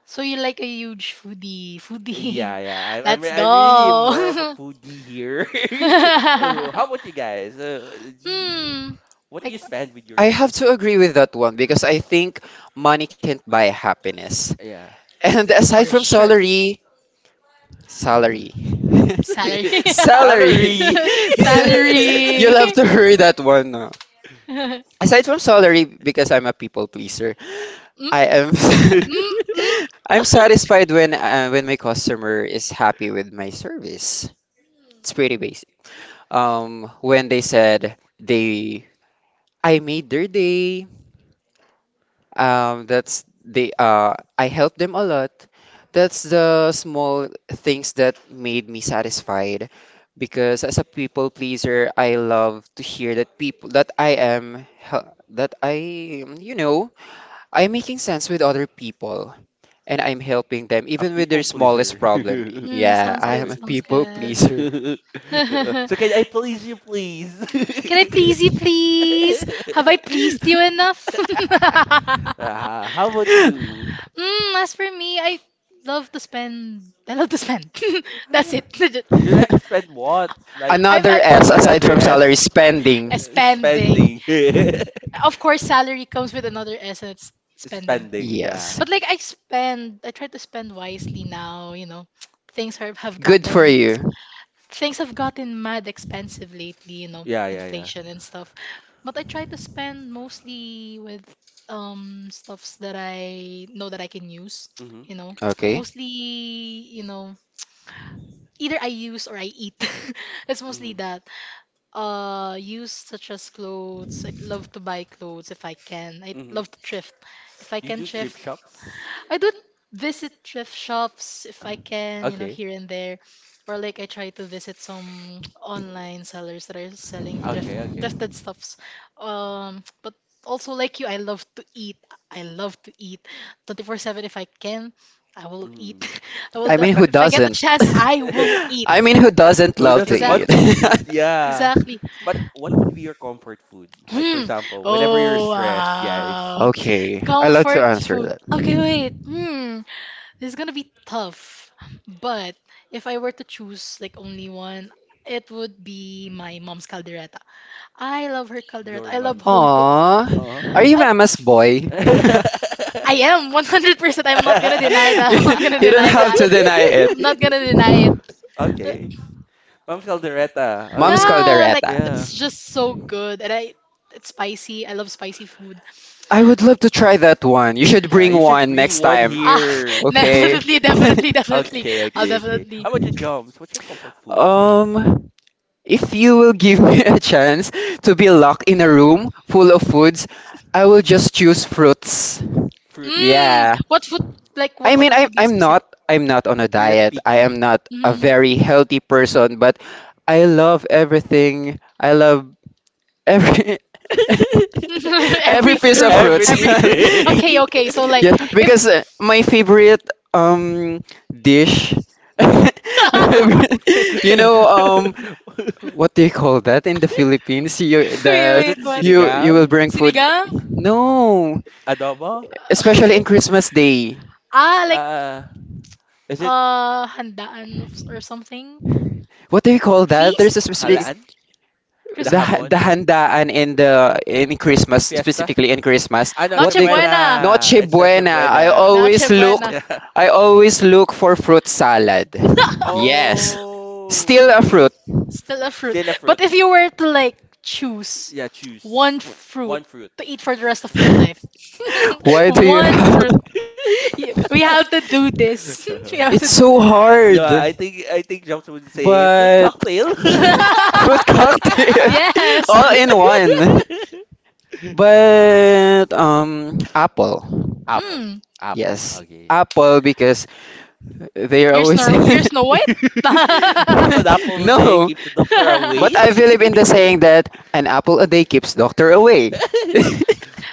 [SPEAKER 2] So you're like a huge foodie. Foodie. <laughs> Let's go. <laughs> Hmm. Like,
[SPEAKER 1] I have to agree with that one because I think money can't buy happiness. <laughs> And aside
[SPEAKER 2] for
[SPEAKER 1] from
[SPEAKER 2] sure.
[SPEAKER 1] salary, salary.
[SPEAKER 2] Salary.
[SPEAKER 1] <laughs>
[SPEAKER 2] Salary.
[SPEAKER 1] Salary.
[SPEAKER 2] <laughs>
[SPEAKER 1] <laughs>
[SPEAKER 2] Salary.
[SPEAKER 1] You'll have to hurry that one. No?
[SPEAKER 2] <laughs> Mm,
[SPEAKER 1] Aside from salary, because I'm a people pleaser, I am
[SPEAKER 2] mm, mm,
[SPEAKER 1] <laughs> I'm satisfied when my customer is happy with my service. It's pretty when they said they I made their day. That's they I helped them a lot. That's the small things that made me satisfied because as a people pleaser, I love to hear that people that I am that I am, you know, I'm making sense with other people and I'm helping them even with their smallest problem.
[SPEAKER 2] mm, <laughs>
[SPEAKER 1] Yeah,
[SPEAKER 2] sounds
[SPEAKER 1] I
[SPEAKER 2] good.
[SPEAKER 1] am a
[SPEAKER 2] Sounds
[SPEAKER 1] people
[SPEAKER 2] good.
[SPEAKER 1] pleaser.
[SPEAKER 2] <laughs> Can I please you, please? Have I pleased you enough? <laughs>
[SPEAKER 1] <laughs>
[SPEAKER 2] Mm, as for me, I love to spend. <laughs> I love to spend. <laughs> That's it. Legit. I've,
[SPEAKER 1] Another
[SPEAKER 2] I've,
[SPEAKER 1] S aside from
[SPEAKER 2] <laughs>
[SPEAKER 1] salary
[SPEAKER 2] uh,
[SPEAKER 1] spending.
[SPEAKER 2] spending. Of course, salary comes with another S, and it's spending.
[SPEAKER 1] Yes.
[SPEAKER 2] But like I spend, I try to spend wisely now. You know, things have have
[SPEAKER 1] Good for
[SPEAKER 2] gotten,
[SPEAKER 1] you.
[SPEAKER 2] things have gotten mad expensive lately. You know, inflation and stuff. But I try to spend mostly with stuffs that I know that I can use, you know,
[SPEAKER 1] Okay.
[SPEAKER 2] mostly, you know, either I use or I eat. <laughs> It's mostly that use, such as clothes. I love to buy clothes if I can. I love to thrift if I can. Thrift I do visit thrift shops if I can, you know, here and there, or like I try to visit some <tsk> online sellers that are selling thrifted stuffs. But also like you, I love to eat. I love to eat 24/7 if I can. I will eat. <laughs> I will
[SPEAKER 1] I
[SPEAKER 2] def
[SPEAKER 1] mean, who
[SPEAKER 2] if I get the
[SPEAKER 1] doesn't?
[SPEAKER 2] chance, I will
[SPEAKER 1] <laughs>
[SPEAKER 2] eat.
[SPEAKER 1] I mean, who doesn't love to eat?
[SPEAKER 2] Exactly. <laughs> Exactly. Hmm. Oh,
[SPEAKER 1] <laughs>
[SPEAKER 2] wow.
[SPEAKER 1] Okay. I love to
[SPEAKER 2] Comfort
[SPEAKER 1] answer
[SPEAKER 2] food.
[SPEAKER 1] that.
[SPEAKER 2] Okay, wait. Hmm. This is gonna be tough, but if I were to choose like only one, it would be my mom's caldereta. I love her caldereta. I love home cook.
[SPEAKER 1] Aww. Are you
[SPEAKER 2] I,
[SPEAKER 1] mama's boy? <laughs> you,
[SPEAKER 2] I am 100%. I'm not gonna deny that. I'm not gonna
[SPEAKER 1] you don't
[SPEAKER 2] deny
[SPEAKER 1] have
[SPEAKER 2] that.
[SPEAKER 1] to deny it.
[SPEAKER 2] I'm not gonna deny it. But-
[SPEAKER 1] Mom's
[SPEAKER 2] yeah, like
[SPEAKER 1] caldereta.
[SPEAKER 2] it's just so good, and I it's spicy. I love spicy food.
[SPEAKER 1] I would love to try that one. You should bring one next time.
[SPEAKER 2] Ah, <laughs>
[SPEAKER 1] Okay.
[SPEAKER 2] definitely, definitely, definitely. I'll definitely.
[SPEAKER 1] <laughs> um, if you will give <laughs> me a chance to be locked in a room full of foods, I will just choose fruits.
[SPEAKER 2] Mmm.
[SPEAKER 1] Yeah.
[SPEAKER 2] what fruit, like
[SPEAKER 1] I
[SPEAKER 2] what
[SPEAKER 1] mean,
[SPEAKER 2] fruit to
[SPEAKER 1] I'm
[SPEAKER 2] I'm be
[SPEAKER 1] I'm
[SPEAKER 2] specific?
[SPEAKER 1] not I'm not on a diet. I am not a
[SPEAKER 2] Mm.
[SPEAKER 1] very
[SPEAKER 2] <laughs>
[SPEAKER 1] healthy person, but I love everything. I love every <laughs> every
[SPEAKER 2] Every
[SPEAKER 1] piece of
[SPEAKER 2] fruit,
[SPEAKER 1] fruits.
[SPEAKER 2] every fruit. Okay, okay. So
[SPEAKER 1] <laughs>
[SPEAKER 2] like
[SPEAKER 1] Yes,
[SPEAKER 2] if
[SPEAKER 1] because my
[SPEAKER 2] <laughs>
[SPEAKER 1] favorite um dish, <laughs> my
[SPEAKER 2] because
[SPEAKER 1] favorite, you know, what do you call that in the Philippines? You
[SPEAKER 2] wait,
[SPEAKER 1] that
[SPEAKER 2] wait, what?
[SPEAKER 1] you you will
[SPEAKER 2] Sinigang,
[SPEAKER 1] bring food.
[SPEAKER 2] sinigang?
[SPEAKER 1] No, especially in
[SPEAKER 2] <laughs>
[SPEAKER 1] Christmas Day.
[SPEAKER 2] <laughs> Ah, like handaan or something. Call
[SPEAKER 1] What do you call that? There's a
[SPEAKER 2] feast?
[SPEAKER 1] specific,
[SPEAKER 2] Feast? Christmas.
[SPEAKER 1] the handaan in the in Christmas, specifically in Christmas. What
[SPEAKER 2] Noche
[SPEAKER 1] do you call
[SPEAKER 2] buena.
[SPEAKER 1] Noche Buena?
[SPEAKER 2] Noche buena.
[SPEAKER 1] I always look for fruit salad.
[SPEAKER 2] <laughs>
[SPEAKER 1] Yes, still a fruit.
[SPEAKER 2] Still a fruit. But if you were to like choose one fruit to eat for the rest of your life,
[SPEAKER 1] <laughs>
[SPEAKER 2] <laughs>
[SPEAKER 1] Why do you
[SPEAKER 2] one
[SPEAKER 1] have?
[SPEAKER 2] fruit.
[SPEAKER 1] <laughs>
[SPEAKER 2] We have to do this. <laughs> We
[SPEAKER 1] It's
[SPEAKER 2] have to do.
[SPEAKER 1] so hard, but
[SPEAKER 2] <laughs>
[SPEAKER 1] fruit cocktail <laughs>
[SPEAKER 2] Yes.
[SPEAKER 1] all in one, but apple,
[SPEAKER 2] Hmm.
[SPEAKER 1] yes, apple because they are always
[SPEAKER 2] You're Snow White.
[SPEAKER 1] <laughs> no, but I
[SPEAKER 2] <laughs>
[SPEAKER 1] believe in the saying that
[SPEAKER 2] <laughs>
[SPEAKER 1] an apple a day keeps doctor away. <laughs>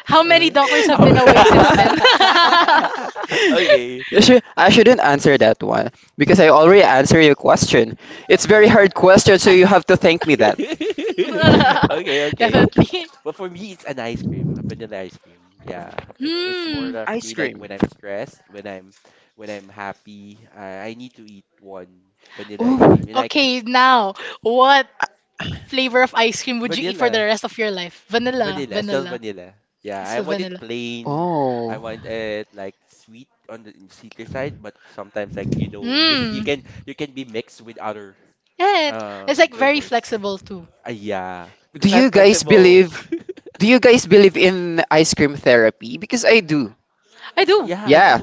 [SPEAKER 2] How many doctors have been away since then? <laughs>
[SPEAKER 1] I shouldn't answer that one because I already answered your question. It's very hard question, so you have to thank me that.
[SPEAKER 2] Definitely. Hmm.
[SPEAKER 1] Ice cream. <laughs> Oh,
[SPEAKER 2] Okay, now, what flavor of ice cream would you eat for the rest of your life? Vanilla, vanilla. Still vanilla.
[SPEAKER 1] oh,
[SPEAKER 2] Hmm. Yeah, it's like very flexible too.
[SPEAKER 1] do you guys believe? Do you guys believe in ice cream therapy? Because I do.
[SPEAKER 2] I do.
[SPEAKER 1] Yeah,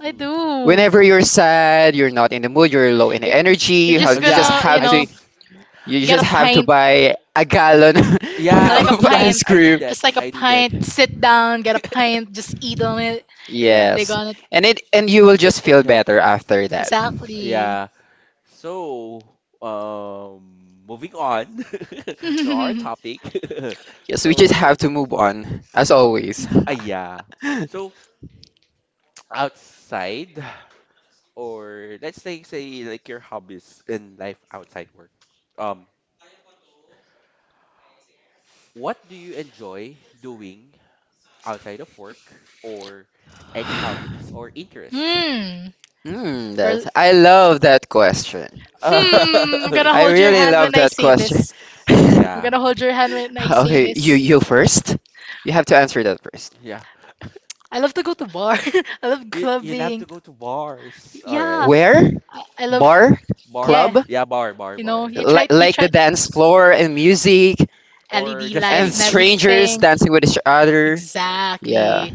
[SPEAKER 2] I do.
[SPEAKER 1] whenever you're sad, you're not in the mood, you're low in
[SPEAKER 2] It-
[SPEAKER 1] energy,
[SPEAKER 2] You're just
[SPEAKER 1] you just
[SPEAKER 2] gonna, you
[SPEAKER 1] have to
[SPEAKER 2] know,
[SPEAKER 1] you
[SPEAKER 2] get a
[SPEAKER 1] just have to
[SPEAKER 2] pint.
[SPEAKER 1] buy a gallon
[SPEAKER 2] I
[SPEAKER 1] <laughs>
[SPEAKER 2] like a
[SPEAKER 1] of ice
[SPEAKER 2] pint.
[SPEAKER 1] cream.
[SPEAKER 2] Just like a pint, sit down, get a pint, just eat on it. They're
[SPEAKER 1] Yes.
[SPEAKER 2] gonna
[SPEAKER 1] And it and you will just feel better after that.
[SPEAKER 2] exactly. <laughs>
[SPEAKER 1] Yes, we just have to move on, as always. <laughs>
[SPEAKER 2] Hmm.
[SPEAKER 1] Hmm,
[SPEAKER 2] Well,
[SPEAKER 1] that's I love that question.
[SPEAKER 2] hmm. I'm gonna
[SPEAKER 1] I
[SPEAKER 2] hold your
[SPEAKER 1] really
[SPEAKER 2] hand
[SPEAKER 1] love
[SPEAKER 2] when I
[SPEAKER 1] that
[SPEAKER 2] say
[SPEAKER 1] question.
[SPEAKER 2] this.
[SPEAKER 1] <laughs>
[SPEAKER 2] I'm gonna hold your hand when I say
[SPEAKER 1] Okay, you
[SPEAKER 2] this.
[SPEAKER 1] you first. You have to answer that first.
[SPEAKER 2] I love to go to bar. <laughs> I love clubbing. Yeah,
[SPEAKER 1] Where?
[SPEAKER 2] I love.
[SPEAKER 1] Bar?
[SPEAKER 2] Yeah,
[SPEAKER 1] Club?
[SPEAKER 2] you know, you try, you
[SPEAKER 1] Like the
[SPEAKER 2] try
[SPEAKER 1] dance floor and music
[SPEAKER 2] LED
[SPEAKER 1] and
[SPEAKER 2] lights and
[SPEAKER 1] strangers
[SPEAKER 2] everything.
[SPEAKER 1] dancing with each other. Yeah.
[SPEAKER 2] Exactly.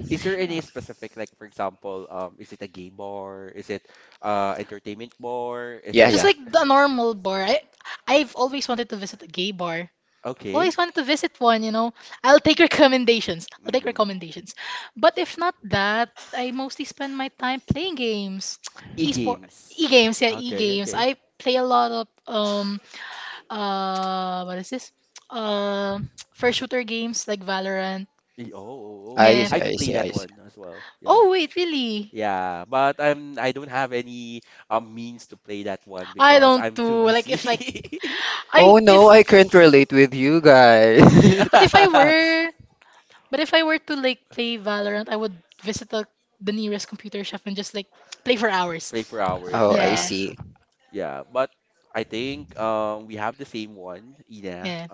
[SPEAKER 1] Yeah,
[SPEAKER 2] Just
[SPEAKER 1] yeah.
[SPEAKER 2] like the normal bar. I've always wanted to visit a gay bar. Always wanted to visit one, you know. I'll take recommendations. I'll take recommendations. But if not that, I mostly spend my time playing games. <tsk> Esport e-games, yeah, e-games. I play a lot of what is this? Uh <tsk> first shooter games like Valorant.
[SPEAKER 1] I
[SPEAKER 2] Yeah.
[SPEAKER 1] see, I see, I see.
[SPEAKER 2] Oh wait, really? I don't do like if like I
[SPEAKER 1] Oh
[SPEAKER 2] if
[SPEAKER 1] no, I can't relate with you guys.
[SPEAKER 2] but
[SPEAKER 1] <laughs>
[SPEAKER 2] if I were but if I were to like play Valorant, I would visit the nearest computer shop and just like play for hours.
[SPEAKER 1] Oh, I
[SPEAKER 2] Yeah.
[SPEAKER 1] see.
[SPEAKER 2] Yeah.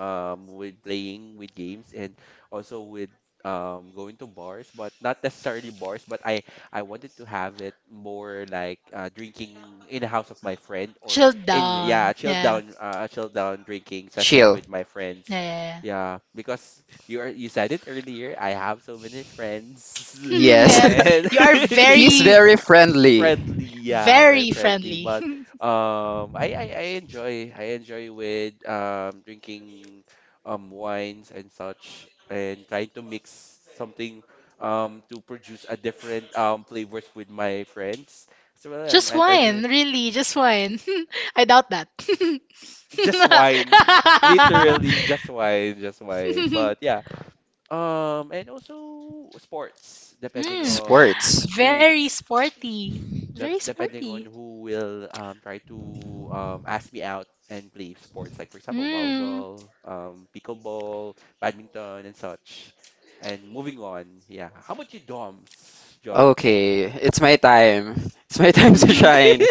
[SPEAKER 2] Chill down. Yeah.
[SPEAKER 1] Chill.
[SPEAKER 2] Yeah. <laughs> Yeah.
[SPEAKER 1] Yes.
[SPEAKER 2] Yeah.
[SPEAKER 1] <laughs>
[SPEAKER 2] You are
[SPEAKER 1] He's
[SPEAKER 2] very
[SPEAKER 1] very friendly.
[SPEAKER 2] Very friendly. <laughs> Just wine, really, just wine. <laughs> I doubt that. <laughs> Mm,
[SPEAKER 1] Sports.
[SPEAKER 2] very sporty. Very sporty. Mm.
[SPEAKER 1] Okay, it's my time. It's my
[SPEAKER 2] <laughs>
[SPEAKER 1] time <laughs> to
[SPEAKER 2] hmm.
[SPEAKER 1] shine.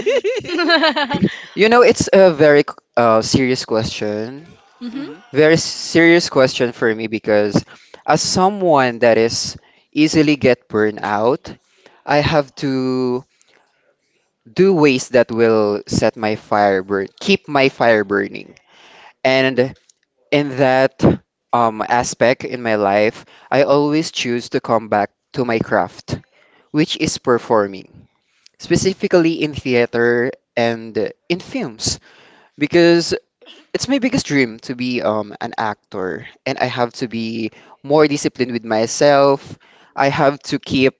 [SPEAKER 1] You know, it's a very serious question.
[SPEAKER 2] Mm-hmm.
[SPEAKER 1] Very serious question for me because as someone that is easily get burned out, I have to do ways that will set my fire burn, keep my fire burning. And in that aspect in my life, I always choose to come back to my craft, which is performing, specifically in theater and in films because it's my biggest dream to be an actor and I have to be more disciplined with myself. I have to keep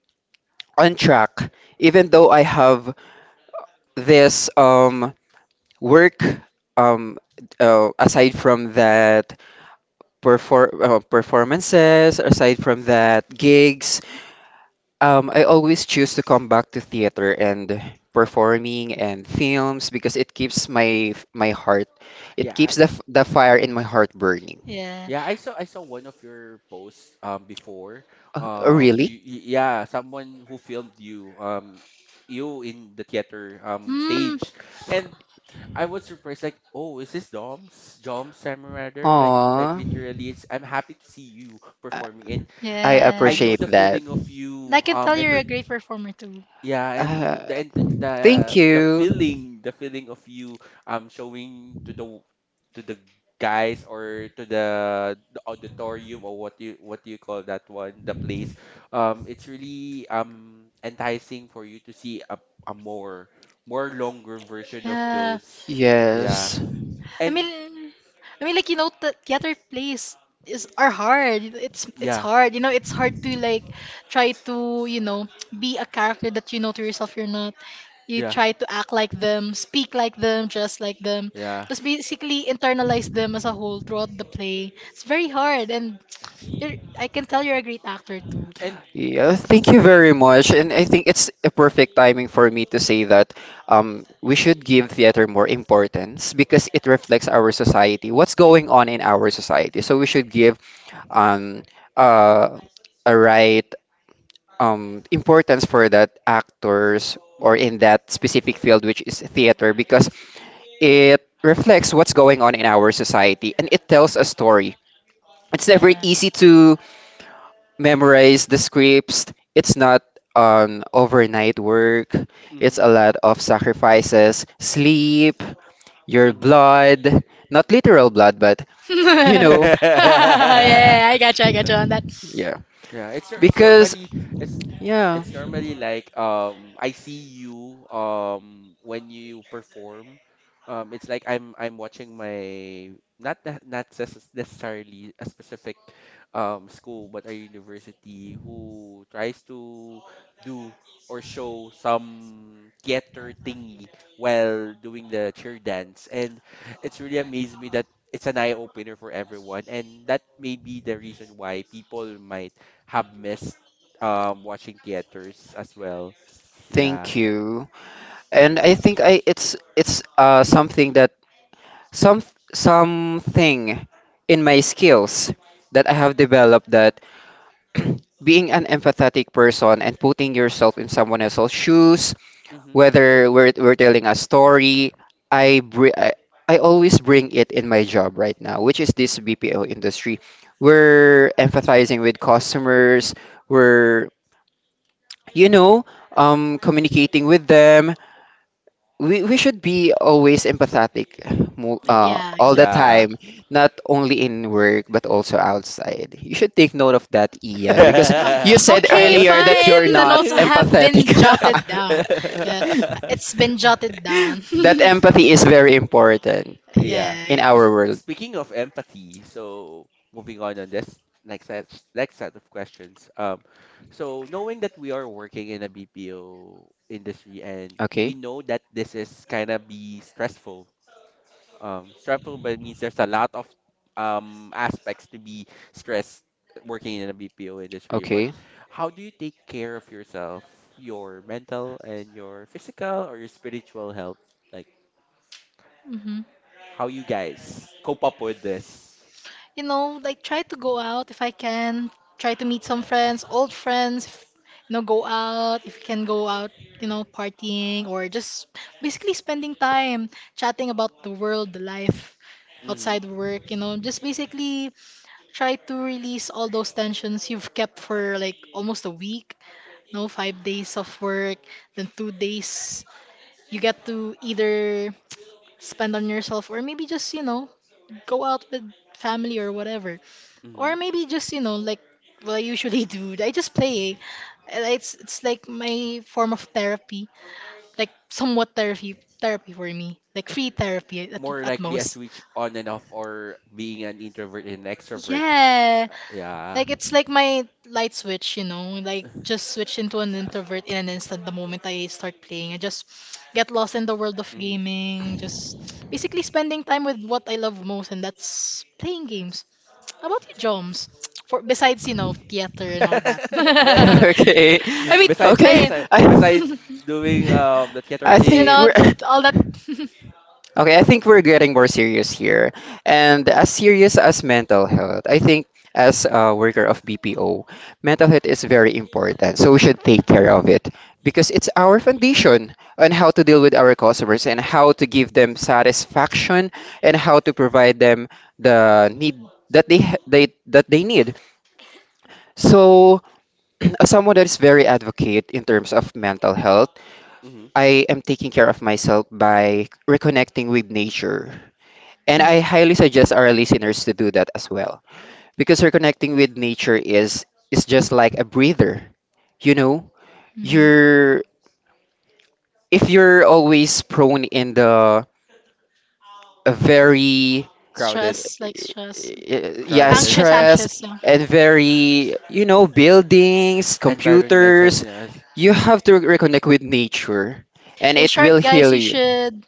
[SPEAKER 1] on track even though I have this work, um, aside from that performances aside from that gigs. I always choose to come back to theater and performing and films because it keeps my my heart, it keeps the fire in my heart burning.
[SPEAKER 2] Yeah.
[SPEAKER 1] Really?
[SPEAKER 2] Mm.
[SPEAKER 1] Aw, I I
[SPEAKER 2] Yeah.
[SPEAKER 1] appreciate that.
[SPEAKER 2] And I can tell you're a great performer too.
[SPEAKER 1] Uh, thank you.
[SPEAKER 2] Yeah.
[SPEAKER 1] Yes.
[SPEAKER 2] I mean, I mean, like you know, the theater plays is are hard. You know, it's hard. You know, it's hard to like try to you know be a character that you know to yourself you're not. You try to act like them, speak like them, dress like them, just basically internalize them as a whole throughout the play. It's very hard, and I can tell you're a great actor too.
[SPEAKER 1] Yeah, thank you very much. And I think it's a perfect timing for me to say that we should give theater more importance because it reflects our society, what's going on in our society. So we should give um uh a right importance for that actors or in that specific field, which is theater, because it reflects what's going on in our society, and it tells a story. It's never
[SPEAKER 2] Yes.
[SPEAKER 1] easy to memorize the scripts. It's not an overnight work. It's a lot of sacrifices, sleep, your blood, not literal blood, but
[SPEAKER 2] <laughs>
[SPEAKER 1] you
[SPEAKER 2] Yeah,
[SPEAKER 1] know
[SPEAKER 2] yeah, I gotcha on that.
[SPEAKER 1] yeah, because yeah, thank you. And I think I it's something that some something in my skills that I have developed that <clears throat> being an empathetic person and putting yourself in someone else's shoes, whether we're telling a story, I, br- I always bring it in my job right now, which is this BPO industry. We're empathizing with customers. We're you know communicating with them. We should be always empathetic
[SPEAKER 2] Yeah,
[SPEAKER 1] all the
[SPEAKER 2] exactly.
[SPEAKER 1] time, not only in work but also outside. You should take note of that, Ian, because
[SPEAKER 2] Uh,
[SPEAKER 1] you said
[SPEAKER 2] Okay,
[SPEAKER 1] earlier that you're
[SPEAKER 2] fine. The
[SPEAKER 1] not
[SPEAKER 2] notes have
[SPEAKER 1] empathetic.
[SPEAKER 2] been jotted down. Yeah, it's been jotted down. <laughs>
[SPEAKER 1] <laughs> That empathy is very important in
[SPEAKER 2] Yeah.
[SPEAKER 1] our world. Okay, okay.
[SPEAKER 2] Hmm. You know, like try to go out if I can. Try to meet some friends, old friends. If, you know, go out if you can go out. You know, partying or just basically spending time chatting about the world, the life outside work. You know, just basically try to release all those tensions you've kept for like almost a week. No, 5 days of work, then 2 days you get to either spend on yourself or maybe just, you know, go out with family or whatever. Or maybe just, you know, like what I usually <laughs> do. I just play. And it's like my form of therapy, like somewhat therapy for me, like free therapy at most. Yeah. Like it's like my light switch, you know, like just switch into an introvert in an instant the moment I start playing. I just get lost in the world of gaming, just basically spending time with what I love most, and that's playing games. How about you, Joms? For besides, you know, theater and all that.
[SPEAKER 1] <laughs>
[SPEAKER 2] <laughs>
[SPEAKER 1] Okay,
[SPEAKER 2] I mean,
[SPEAKER 1] okay.
[SPEAKER 2] I
[SPEAKER 1] I i
[SPEAKER 2] <laughs> you
[SPEAKER 1] think
[SPEAKER 2] know,
[SPEAKER 1] we're. <laughs>
[SPEAKER 2] all that. <laughs>
[SPEAKER 1] Okay, I think we're getting more serious here. And as serious as mental health, I think, as a worker of BPO, mental health is very important. So we should take care of it, because it's our foundation on how to deal with our customers and how to give them satisfaction, and how to provide them the need that they ha- they that they need. So <clears throat> as someone that is very advocate in terms of mental health, I am taking care of myself by reconnecting with nature. And I
[SPEAKER 2] Mm,
[SPEAKER 1] highly suggest our listeners to do that as well, because reconnecting with nature is just like a breather. You know,
[SPEAKER 2] mhm.
[SPEAKER 1] you're if you're always prone in the a very
[SPEAKER 2] Stress, like stress.
[SPEAKER 1] yeah,
[SPEAKER 2] Anxious,
[SPEAKER 1] stress,
[SPEAKER 2] anxious. Yeah.
[SPEAKER 1] and very, buildings, computers, you have to reconnect with nature and
[SPEAKER 2] In
[SPEAKER 1] it
[SPEAKER 2] short,
[SPEAKER 1] will
[SPEAKER 2] guys,
[SPEAKER 1] heal
[SPEAKER 2] you
[SPEAKER 1] you. <laughs>
[SPEAKER 2] should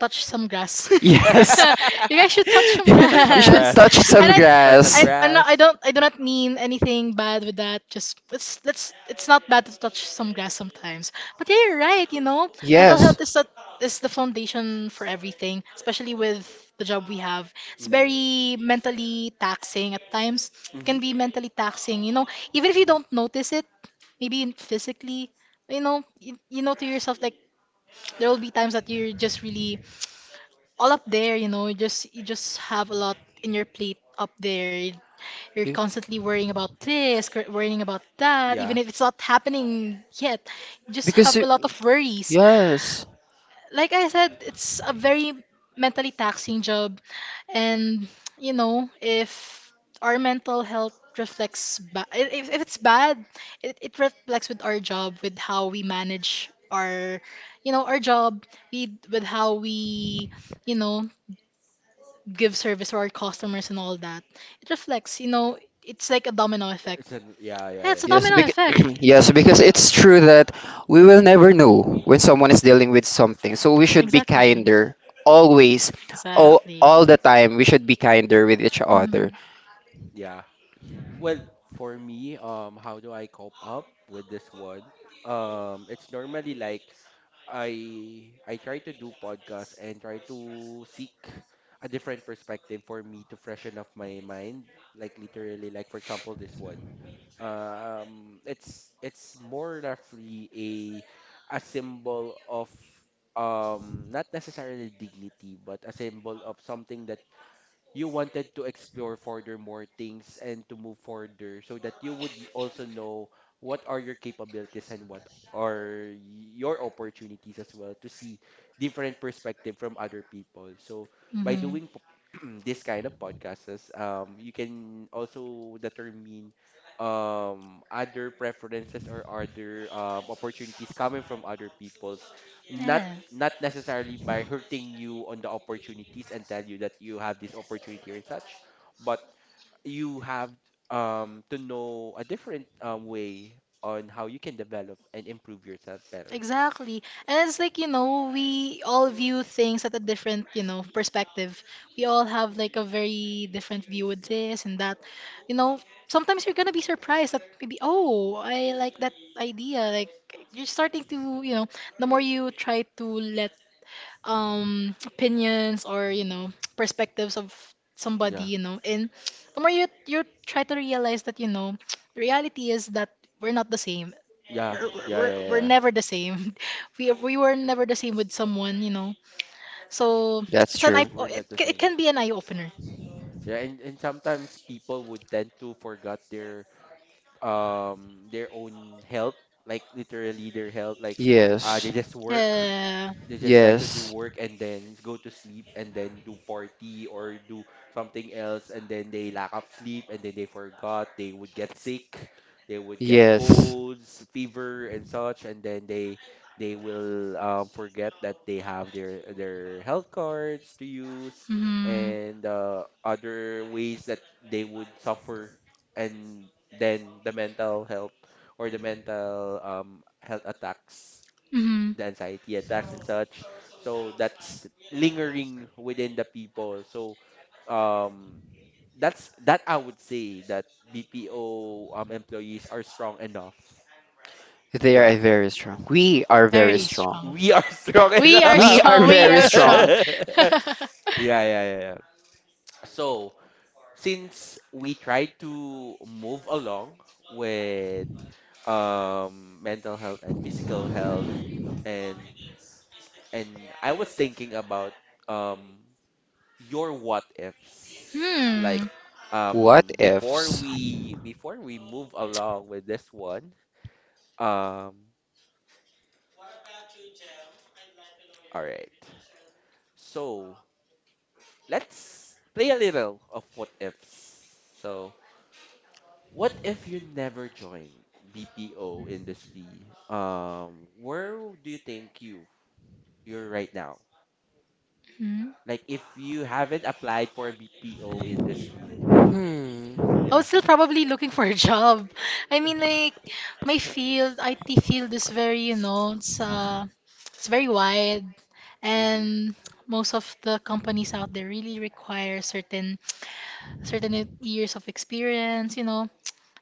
[SPEAKER 2] touch some grass.
[SPEAKER 1] Yes.
[SPEAKER 2] <laughs> You guys should touch
[SPEAKER 1] <laughs>
[SPEAKER 2] some
[SPEAKER 1] You should
[SPEAKER 2] grass.
[SPEAKER 1] touch
[SPEAKER 2] And
[SPEAKER 1] some grass.
[SPEAKER 2] I'm not, I do not mean anything bad with that. Just let's, let's. It's not bad to touch some grass sometimes. But yeah, you're right. You know, mental health is
[SPEAKER 1] Yes.
[SPEAKER 2] a, is the foundation for everything, especially with the job we have. It's very mentally taxing at times. It can be mentally taxing. You know, even if you don't notice it, maybe physically. You know, you know to yourself like there will be times that you're just really all up there, you know, you just have a lot in your plate up there. You're
[SPEAKER 1] You-
[SPEAKER 2] constantly worrying about this, worrying about that, even if it's not happening yet. You just
[SPEAKER 1] Because
[SPEAKER 2] have a
[SPEAKER 1] you-
[SPEAKER 2] lot of worries.
[SPEAKER 1] yes,
[SPEAKER 2] Like I said, it's a very mentally taxing job, and you know, if our mental health reflects if it's bad, it reflects with our job, with how we manage you know, our job, with how we you know give service to our customers and all that, it reflects, you know, it's like a domino effect. Yeah, it's a
[SPEAKER 1] yes,
[SPEAKER 2] domino
[SPEAKER 1] because
[SPEAKER 2] effect.
[SPEAKER 1] <clears throat> yes, because it's true that we will never know when someone is dealing with something. So we should be
[SPEAKER 2] Exactly.
[SPEAKER 1] kinder always, all
[SPEAKER 2] Exactly.
[SPEAKER 1] all the time. We should be kinder with each
[SPEAKER 2] Mm-hmm.
[SPEAKER 1] other.
[SPEAKER 2] Mm-hmm. Yeah. Exactly. And it's like, you know, we all view things at a different, you know, perspective. We all have like a very different view with this and that. You know, sometimes you're gonna be surprised that maybe, oh, I like that idea. Like you're starting to, you know, the more you try to let opinions or, you know, <tsk> perspectives of somebody, you know, in, the more you try to realize that, you know, <tsk> the reality is that we're not the same we're never the same. <laughs> We were never the same with someone, you know. So
[SPEAKER 1] That's true.
[SPEAKER 2] it can be an eye opener.
[SPEAKER 1] Yes,
[SPEAKER 2] Uh,
[SPEAKER 1] yes, yes.
[SPEAKER 2] mm-hmm, mm-hmm.
[SPEAKER 1] They are very strong. We are very
[SPEAKER 2] Very
[SPEAKER 1] strong.
[SPEAKER 2] strong. We are
[SPEAKER 1] We
[SPEAKER 2] strong.
[SPEAKER 1] are
[SPEAKER 2] We
[SPEAKER 1] very
[SPEAKER 2] are
[SPEAKER 1] strong.
[SPEAKER 2] strong. <laughs> Hmm.
[SPEAKER 1] What ifs? Hmm.
[SPEAKER 2] I was still probably looking for a job. <laughs> I mean, like my field, IT field is very, you know, it's very wide, and most of the companies out there really require certain years of experience, you know.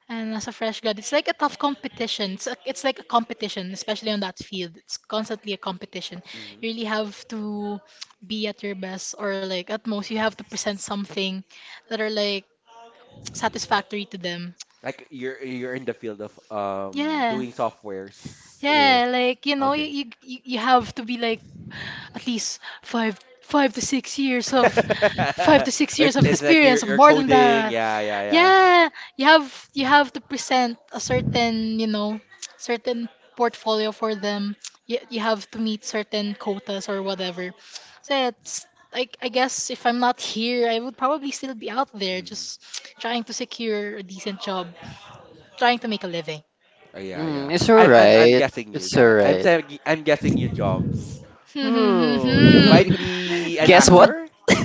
[SPEAKER 2] And as a fresh grad, it's like a tough competition. It's like a competition, especially on that field. It's constantly a competition. You really have to be at your best, or like at most, you have to present something that are like satisfactory to them. Yeah. Yeah, like you know, you have to be like at least 5 to 6 years of <laughs> 5 to 6 years of experience or more than
[SPEAKER 1] <laughs>
[SPEAKER 2] that. Yeah, you have to present a certain, you know, <tsk> certain portfolio for them. You have to meet certain quotas or whatever. So yeah, I guess if I'm not here, I would probably still be out there just <tsk> trying to secure a decent job, trying to make a living. <laughs>
[SPEAKER 1] Mm, it's alright. It's alright.
[SPEAKER 2] Hmm, hmm, hmm, hmm.
[SPEAKER 1] <laughs> Guess
[SPEAKER 2] Hmm.
[SPEAKER 1] what? <laughs>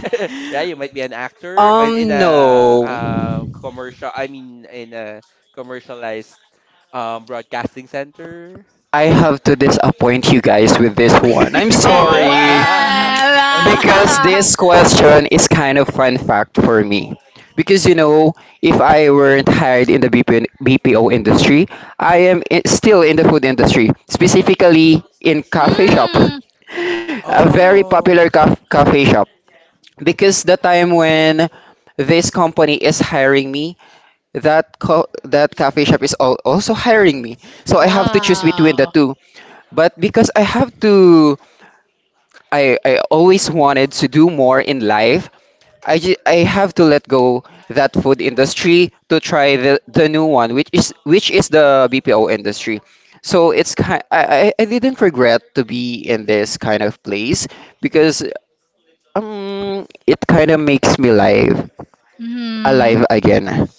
[SPEAKER 1] No. I have to disappoint you guys with this one. I'm
[SPEAKER 2] Oh,
[SPEAKER 1] sorry. Because
[SPEAKER 2] well.
[SPEAKER 1] this
[SPEAKER 2] <laughs>
[SPEAKER 1] question is kind of fun fact for me. Because if I weren't hired in the BPO industry, I am still in the food industry, specifically in coffee shop. <laughs>
[SPEAKER 2] Hmm.
[SPEAKER 1] A very popular coffee shop. Because the time when this company is hiring me, that that cafe shop is also hiring me, so I have to choose between the
[SPEAKER 2] Wow.
[SPEAKER 1] two. But because I always wanted to do more in life, I have to let go that food industry to try the new one, which is the BPO industry. So it's kind I didn't regret to be in this kind of place because it kind of makes me live
[SPEAKER 2] Hmm.
[SPEAKER 1] alive again.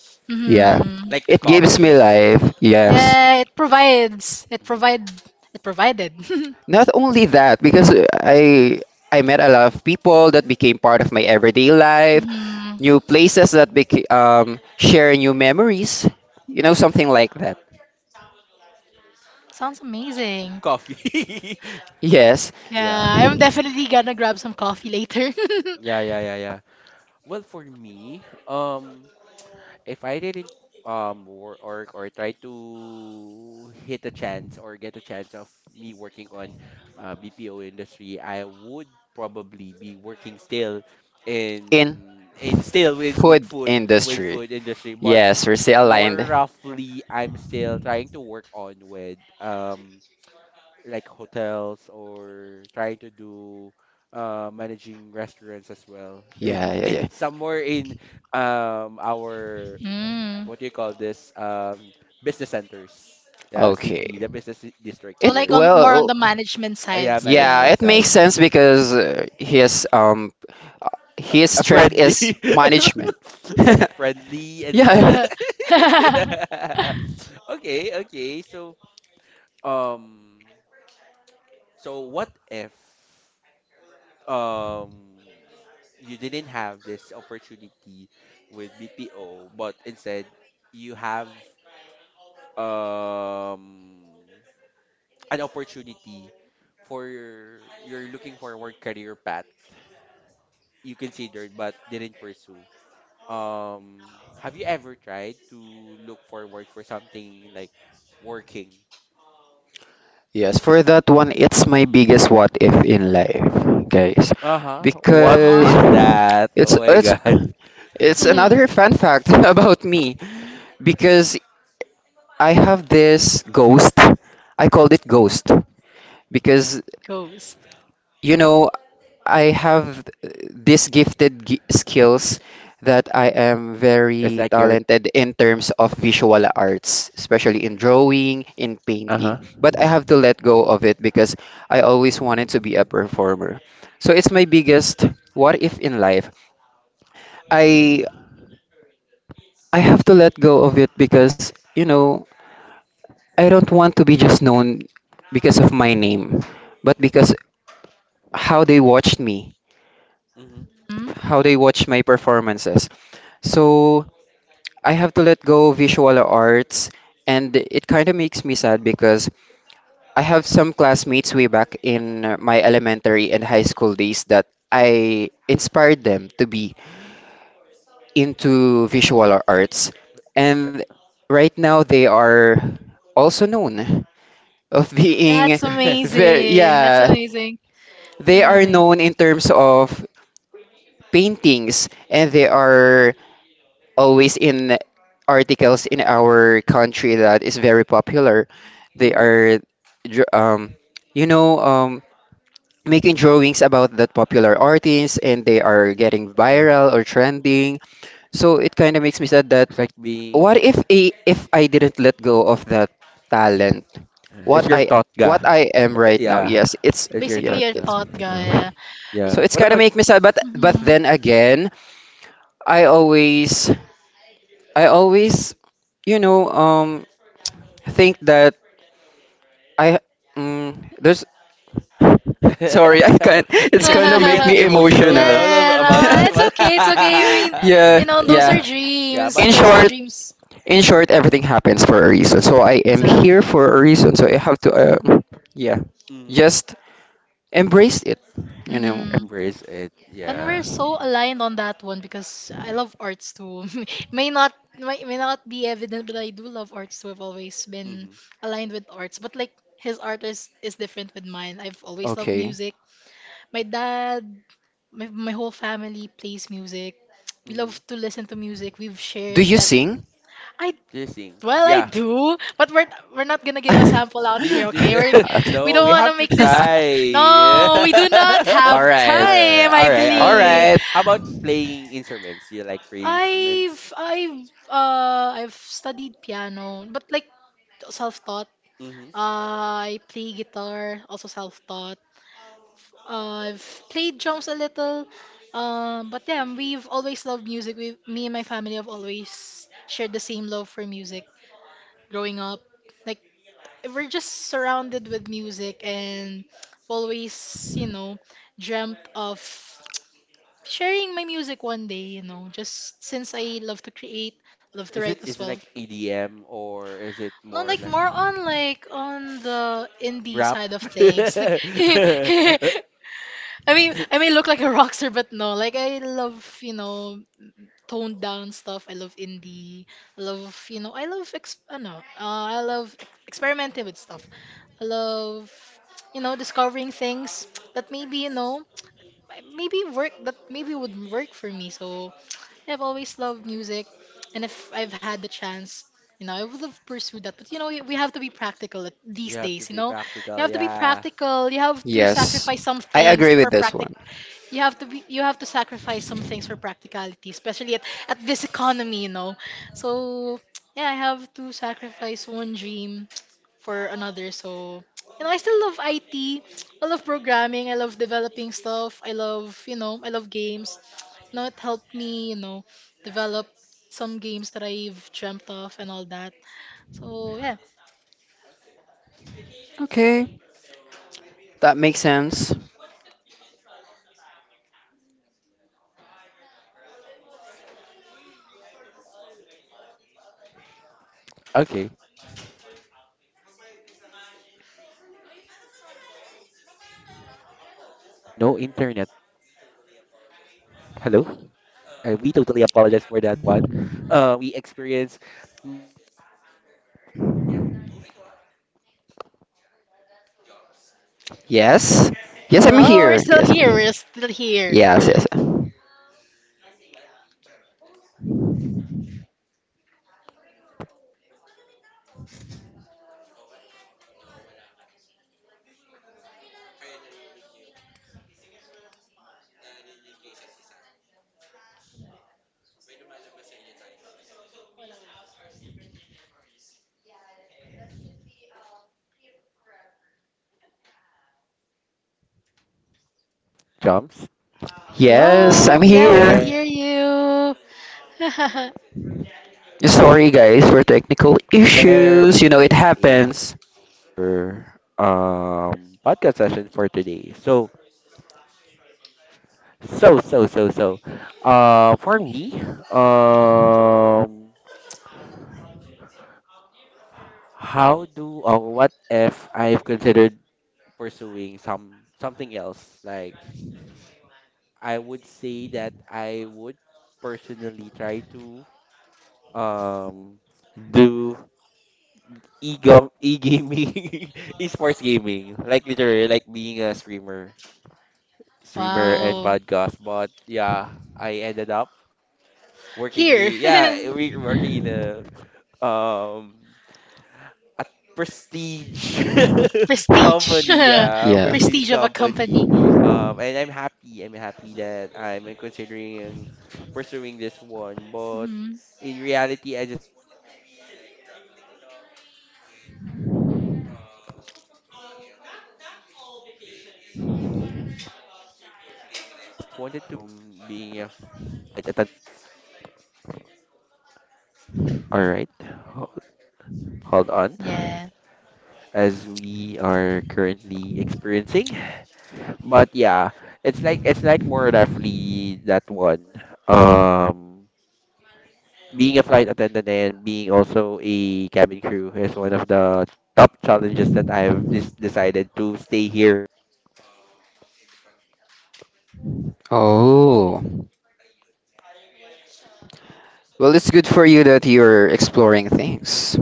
[SPEAKER 1] Yeah.
[SPEAKER 2] Hmm.
[SPEAKER 1] It gives me life. Yes.
[SPEAKER 2] Yeah, it provides. It provide. it provided. <laughs>
[SPEAKER 1] Not only that, because I I met a lot of people that became part of my everyday life,
[SPEAKER 2] Hmm.
[SPEAKER 1] new places that share new memories, something like that.
[SPEAKER 2] Sounds amazing.
[SPEAKER 1] Yes,
[SPEAKER 2] Yeah, I'm definitely gonna grab some coffee later. <laughs>
[SPEAKER 1] in food industry. Yes, we're still aligned. Yeah, yeah, yeah.
[SPEAKER 2] Mm.
[SPEAKER 1] Okay.
[SPEAKER 2] So
[SPEAKER 1] It
[SPEAKER 2] like on more on
[SPEAKER 1] well.
[SPEAKER 2] the management side still.
[SPEAKER 1] Yeah, it makes
[SPEAKER 2] Mm.
[SPEAKER 1] sense because uh, his strength is management. <laughs> Yeah.
[SPEAKER 2] <laughs>
[SPEAKER 1] Yes, for that one, it's my biggest what if in life, guys, because
[SPEAKER 2] Uh-huh.
[SPEAKER 1] it's it's it's another
[SPEAKER 2] <laughs>
[SPEAKER 1] fun fact <laughs> about me, because I have this ghost. I called it ghost because
[SPEAKER 2] Ghost.
[SPEAKER 1] you know, I have these gifted skills, that I am very talented in terms of visual arts, especially in drawing, in painting. But I have to let go of it because I always wanted to be a performer. So it's my biggest what if in life. I I have to let go of it because, you know, I don't want to be just known because of my name, but because how they watched me,
[SPEAKER 2] Mm.
[SPEAKER 1] how they watched my performances. So I have to let go visual arts, and it kind of makes me sad because I have some classmates way back in my elementary and high school days that I inspired them to be into visual arts, and right now they are also known of <laughs>
[SPEAKER 2] That's
[SPEAKER 1] being very.
[SPEAKER 2] amazing. That's
[SPEAKER 1] Yeah,
[SPEAKER 2] amazing. It's
[SPEAKER 1] they are
[SPEAKER 2] amazing.
[SPEAKER 1] known in terms of paintings, and they are always in articles in our country that is very popular. They are, dr- um, you know, making drawings about that popular artist, and they are getting viral or trending. So it kind of makes me sad that what if I didn't let go of that talent? What I what I am right now. Yes, it's yeah,
[SPEAKER 2] Basically your
[SPEAKER 1] it's
[SPEAKER 2] thought guy.
[SPEAKER 1] yeah.
[SPEAKER 2] Yeah.
[SPEAKER 1] So it's kind of make me sad, but
[SPEAKER 2] Mhm.
[SPEAKER 1] then again, I always I always you know um I think that I there's <laughs> sorry I can't.
[SPEAKER 2] <laughs>
[SPEAKER 1] It's kind of make
[SPEAKER 2] And
[SPEAKER 1] me emotional.
[SPEAKER 2] no, it's okay, it's okay. I
[SPEAKER 1] <laughs>
[SPEAKER 2] mean,
[SPEAKER 1] Yeah,
[SPEAKER 2] you know, those
[SPEAKER 1] yeah.
[SPEAKER 2] are dreams.
[SPEAKER 1] In
[SPEAKER 2] Those are
[SPEAKER 1] short,
[SPEAKER 2] dreams.
[SPEAKER 1] in short, everything happens for a reason. So I am here
[SPEAKER 2] Exactly.
[SPEAKER 1] for a reason. So I have to, yeah, just embrace it. You know.
[SPEAKER 2] Mm-hmm. And we're so aligned on that one because I love arts too. <laughs> May not be evident, but I do love arts too. I've always been aligned with arts, but like his art is different with mine. I've always loved
[SPEAKER 1] Okay.
[SPEAKER 2] music. My dad, my whole family plays music. We love to listen to music. We've
[SPEAKER 1] Do
[SPEAKER 2] shared
[SPEAKER 1] you
[SPEAKER 2] that.
[SPEAKER 1] sing?
[SPEAKER 2] I. Well, I do, but we're not gonna
[SPEAKER 1] <laughs>
[SPEAKER 2] give a sample out
[SPEAKER 1] Okay.
[SPEAKER 2] here, okay? We don't
[SPEAKER 1] <laughs>
[SPEAKER 2] want to make this. No, we do not have
[SPEAKER 1] All right.
[SPEAKER 2] time. I
[SPEAKER 1] All
[SPEAKER 2] believe
[SPEAKER 1] right.
[SPEAKER 2] I've studied piano, but like self-taught. I play guitar, also self-taught. I've played drums a little. But yeah, we've always loved music. We, me and my family have always shared the same love for music growing up. Like we're just surrounded with music and I've always, you know, dreamt of sharing my music one day, you know, just since I love to create, love to write as well. No, like more on like on the indie side of things. Like <laughs> I mean, I may look like a rockster, but no, like I love, you know, toned down stuff. I love indie. I love, you know, I love experimenting with stuff. I love, you know, discovering things that maybe, you know, maybe would work for me. So I've always loved music, and if I've had the chance, you know, I would have pursued that. But you know, we have to be practical these days. You know, you have to be practical. You have to
[SPEAKER 1] Yes,
[SPEAKER 2] sacrifice some
[SPEAKER 1] I
[SPEAKER 2] things
[SPEAKER 1] agree
[SPEAKER 2] for
[SPEAKER 1] with this
[SPEAKER 2] practic.
[SPEAKER 1] one.
[SPEAKER 2] You have to be. You have to sacrifice some things for practicality, especially at this economy. You know, so yeah, I have to sacrifice one dream for another. So you know, I still love IT. I love programming. I love developing stuff. I love, you know, I love games. It helped me, develop some games that I've dreamt of and all that. So yeah.
[SPEAKER 1] Okay, that makes sense. Yes, yes, I'm
[SPEAKER 2] Hello, we're
[SPEAKER 1] here.
[SPEAKER 2] still
[SPEAKER 1] Yes, I'm
[SPEAKER 2] here. We're
[SPEAKER 1] here.
[SPEAKER 2] still here.
[SPEAKER 1] Yes, yes, yes,
[SPEAKER 2] Hello.
[SPEAKER 1] I'm
[SPEAKER 2] Yeah, we can
[SPEAKER 1] here.
[SPEAKER 2] hear you. <laughs>
[SPEAKER 1] Sorry, guys, for technical issues. You know it happens.
[SPEAKER 2] Wow. Here. <laughs> Prestige. <laughs>
[SPEAKER 1] Yeah.
[SPEAKER 2] Prestige of a company. Hmm. Yeah.
[SPEAKER 1] Oh. Well, it's good for you that you're exploring things.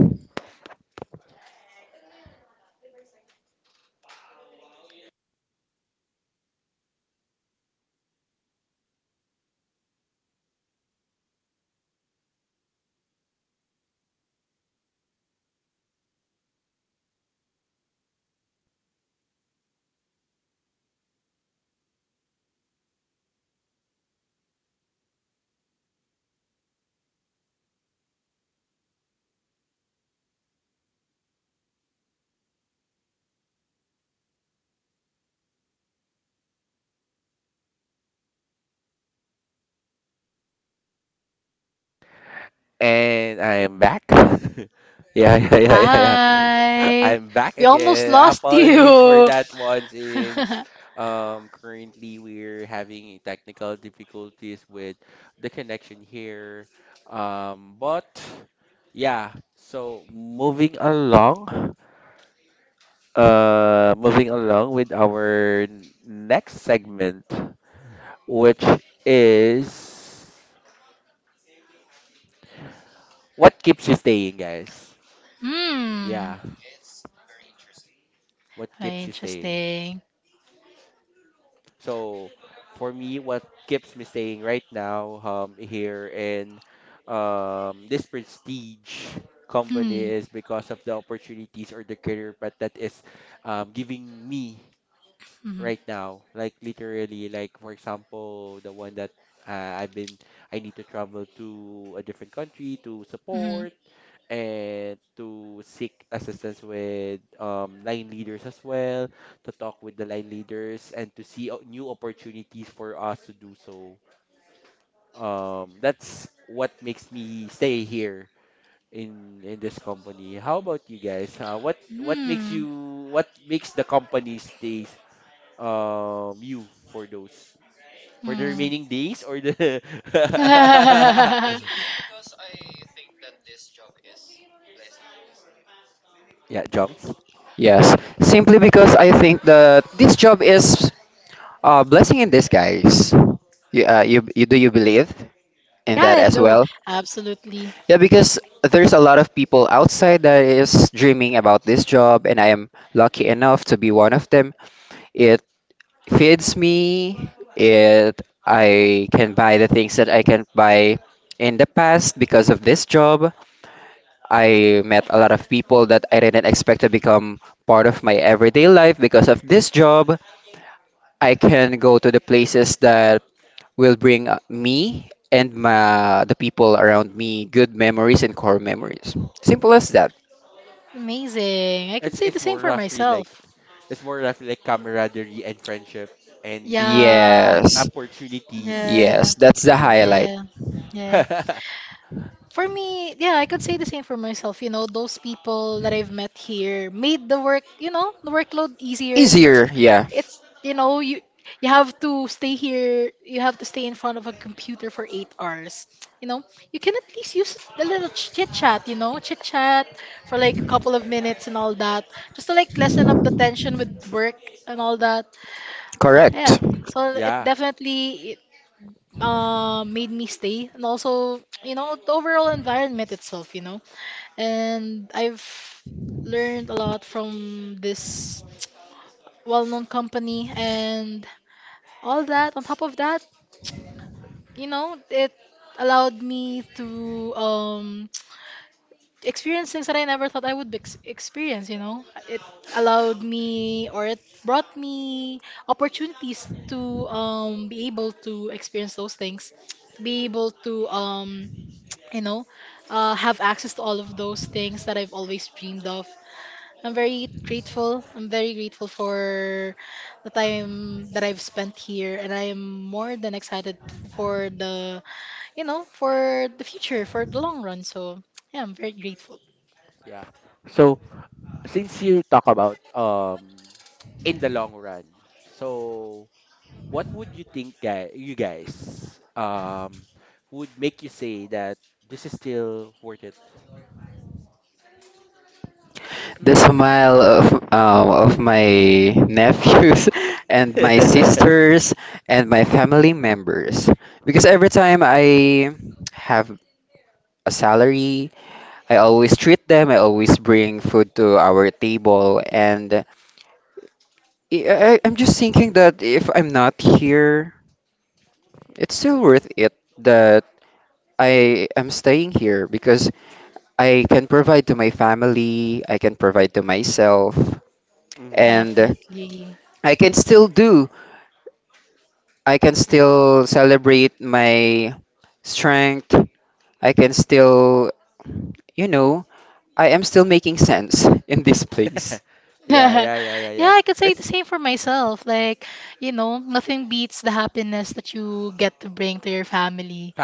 [SPEAKER 2] Hi. We almost lost you. <laughs> Hmm. Very interesting. Hmm. Mhm. Mhm. Hmm. Hmm. <laughs> Yeah,
[SPEAKER 1] Yes, simply because I think that this job is a blessing in disguise. You, you, you do you believe in that
[SPEAKER 2] I
[SPEAKER 1] as
[SPEAKER 2] do.
[SPEAKER 1] well?
[SPEAKER 2] Absolutely.
[SPEAKER 1] Yeah, because there's a lot of people outside that is dreaming about this job, and I am lucky enough to be one of them. It feeds me. It I can buy the things that I can buy in the past because of this job. I met a lot of people that I didn't expect to become part of my everyday life because of this job. I can go to the places that will bring me and the people around me good memories and core memories. Simple as that.
[SPEAKER 2] Amazing. I could say the same for myself. Yeah.
[SPEAKER 1] Yes.
[SPEAKER 2] Yeah.
[SPEAKER 1] Yes, that's the highlight.
[SPEAKER 2] Yeah. Yeah. For me, yeah, I could say the same for myself. You know, those people that I've met here made the workload easier.
[SPEAKER 1] Easier, yeah.
[SPEAKER 2] It's, you know, you have to stay here, you have to stay in front of a computer for 8 hours. You know, you can at least use a little chit chat, chit chat for like a couple of minutes and all that, just to like lessen up the tension with work and all that. Yeah.
[SPEAKER 1] Correct.
[SPEAKER 2] So it definitely made me stay, and also, the overall environment itself, and I've learned a lot from this well-known company and all that. On top of that, it allowed me to experience things that I never thought I would experience. You know, it allowed me, or it brought me opportunities to be able to experience those things, to be able to you know, have access to all of those things that I've always dreamed of. I'm very grateful. I'm very grateful for the time that I've spent here, and I am more than excited for the future, for the long run. So yeah, I'm very grateful.
[SPEAKER 1] The smile of my nephews <laughs> and my sisters and my family members. Because every time I have a salary, I always treat them. I always bring food to our table, and I'm just thinking that if I'm not here, it's still worth it that I am staying here because I can provide to my family, I can provide to myself, and
[SPEAKER 2] Definitely. <laughs>
[SPEAKER 1] I can still do. I can still celebrate my strength. I can still, you know, I am still making sense <laughs> in this place.
[SPEAKER 2] Yeah, I could say the same for myself. Like, nothing beats the happiness that you get to bring to your family.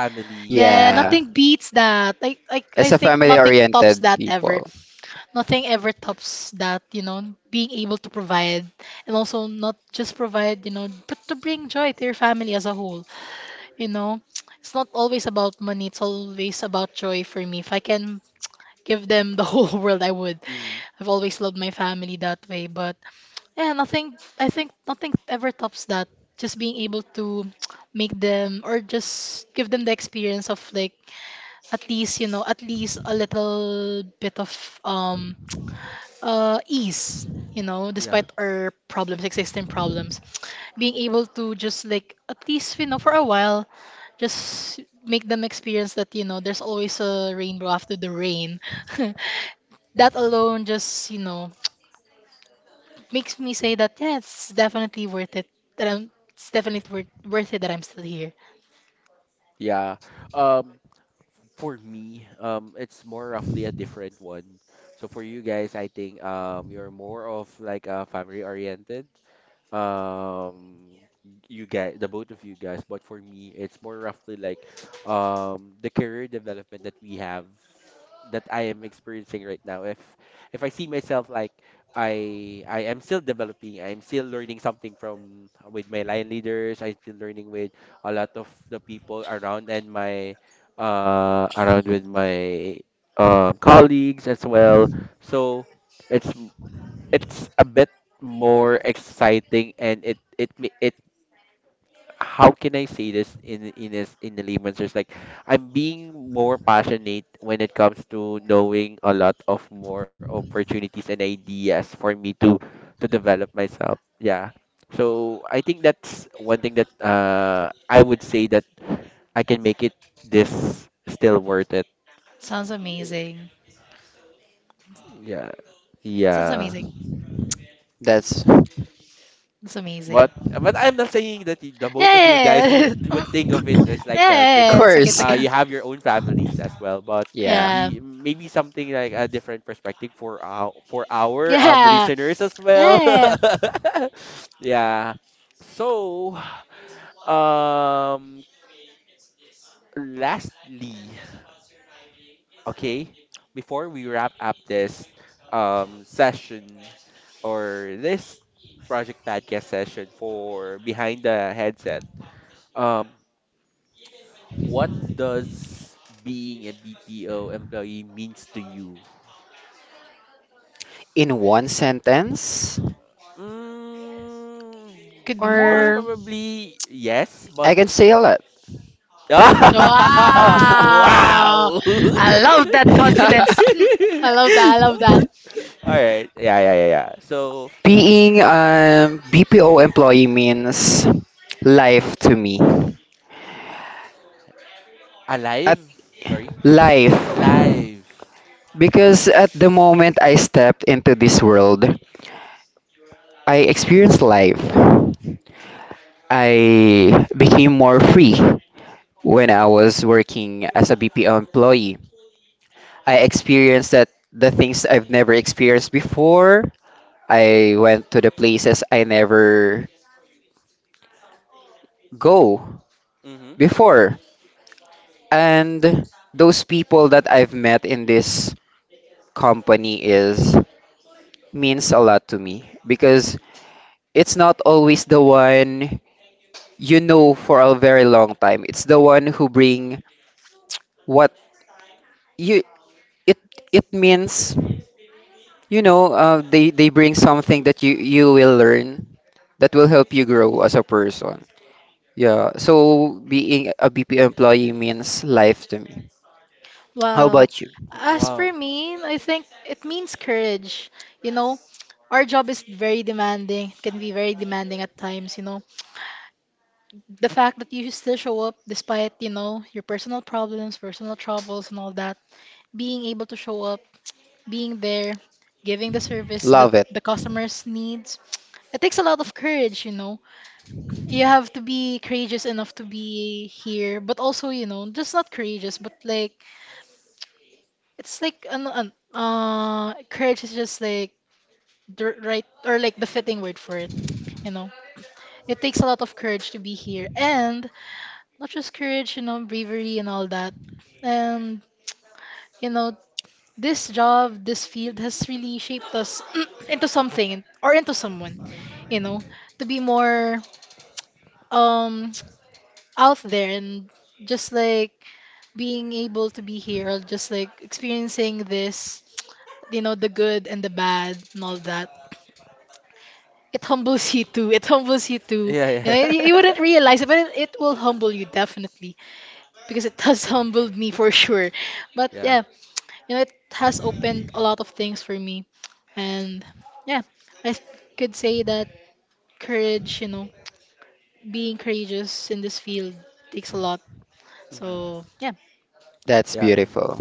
[SPEAKER 2] Yeah,
[SPEAKER 1] Yeah,
[SPEAKER 2] nothing beats that. I
[SPEAKER 1] as a
[SPEAKER 2] think
[SPEAKER 1] family
[SPEAKER 2] nothing tops
[SPEAKER 1] oriented
[SPEAKER 2] that ever.
[SPEAKER 1] people.
[SPEAKER 2] Nothing ever tops that, being able to provide, and also not just provide, but to bring joy to your family as a whole, you know. It's not always about money, it's always about joy for me. If I can give them the <laughs> whole world, I would. I've always loved my family that way, but yeah, nothing, I think nothing ever tops that. Just being able to <tsk> make them, or just give them the experience of, like, at least, at least a little bit of um ease, despite our problems, existing problems, being able to just, like, at least, for a while, just make them experience that, there's always a rainbow after the rain. <laughs> That alone, just, <tsk> makes me say that, yeah, it's definitely worth it, that I'm it's definitely worth it, that I'm still here. Sounds amazing. Sounds amazing.
[SPEAKER 1] That's, of
[SPEAKER 2] It's amazing. Yes. <coughs> Yes. It's okay. It's
[SPEAKER 1] course.
[SPEAKER 2] okay.
[SPEAKER 1] Yeah.
[SPEAKER 2] Yeah. Yeah. Yeah.
[SPEAKER 1] In one sentence,
[SPEAKER 2] Could be more.
[SPEAKER 1] or
[SPEAKER 2] <laughs>
[SPEAKER 1] I can say a lot.
[SPEAKER 2] Wow. I love that confidence. <laughs> Hmm, I love that. I love that.
[SPEAKER 1] <laughs> Being a BPO employee means life to me. At life. Because at the moment I stepped into this world, I experienced life. I became more free when I was working as a BPO employee. I experienced that the things I've never experienced before. I went to the places I never go before. And those people that I've met in this company is means a lot to me because it's not always the one you know for a very long time. It's the one who bring what you it it means, they bring something that you will learn, that will help you grow as a person. Yeah, so being a BP employee means life to me. How
[SPEAKER 2] Wow.
[SPEAKER 1] about you?
[SPEAKER 2] As per me, I think it means courage. You know, our job is very demanding. It can be very demanding at times. The fact that you still show up despite, your personal problems, personal troubles, and all that, being able to show up, being there, giving the service that
[SPEAKER 1] Love it.
[SPEAKER 2] the customers needs. It takes a lot of courage, you know. You have to be courageous enough to be here, but also, just not courageous, but, like, it's like an courage is just like the right, or like the fitting word for it, you know. It takes a lot of courage to be here, and not just courage, bravery and all that. And, you know, this field has really shaped us <clears throat> into something or into someone, you know, to be more um <tsk> out there, and just like being able to be here, or just like experiencing this, the good and the bad and all that. It humbles <laughs> you too. It humbles you too. You know, you wouldn't realize it, but it will humble you definitely, because it has <laughs> humbled me for sure. But yeah, it has opened a lot of things for me. And yeah, I could say that courage, being courageous in this field, takes a lot. So yeah.
[SPEAKER 1] That's beautiful.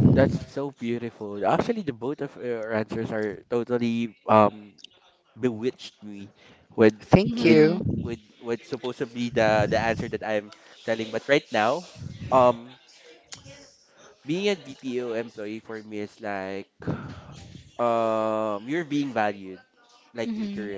[SPEAKER 1] Thank
[SPEAKER 2] Mm-hmm.
[SPEAKER 1] you.
[SPEAKER 2] Mm-hmm.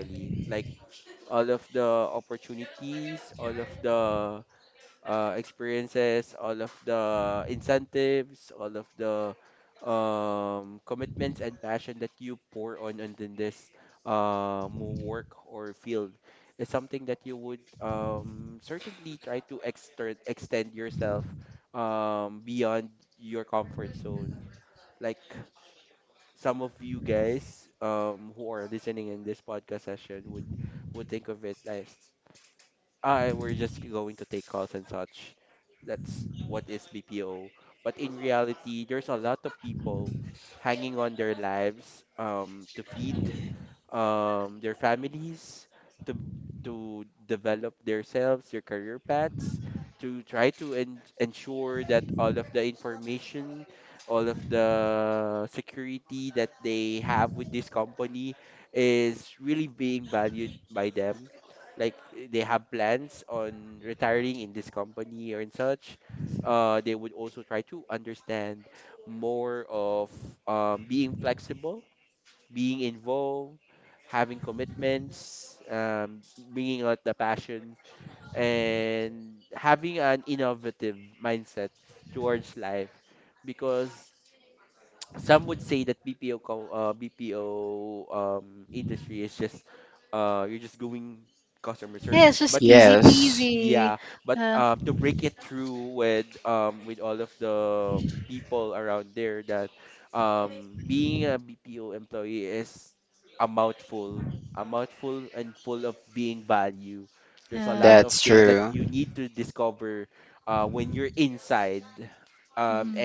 [SPEAKER 2] Yeah, it's just easy
[SPEAKER 1] Yes,
[SPEAKER 2] peasy. Uh, yeah.
[SPEAKER 1] that's true.
[SPEAKER 2] Mm-hmm.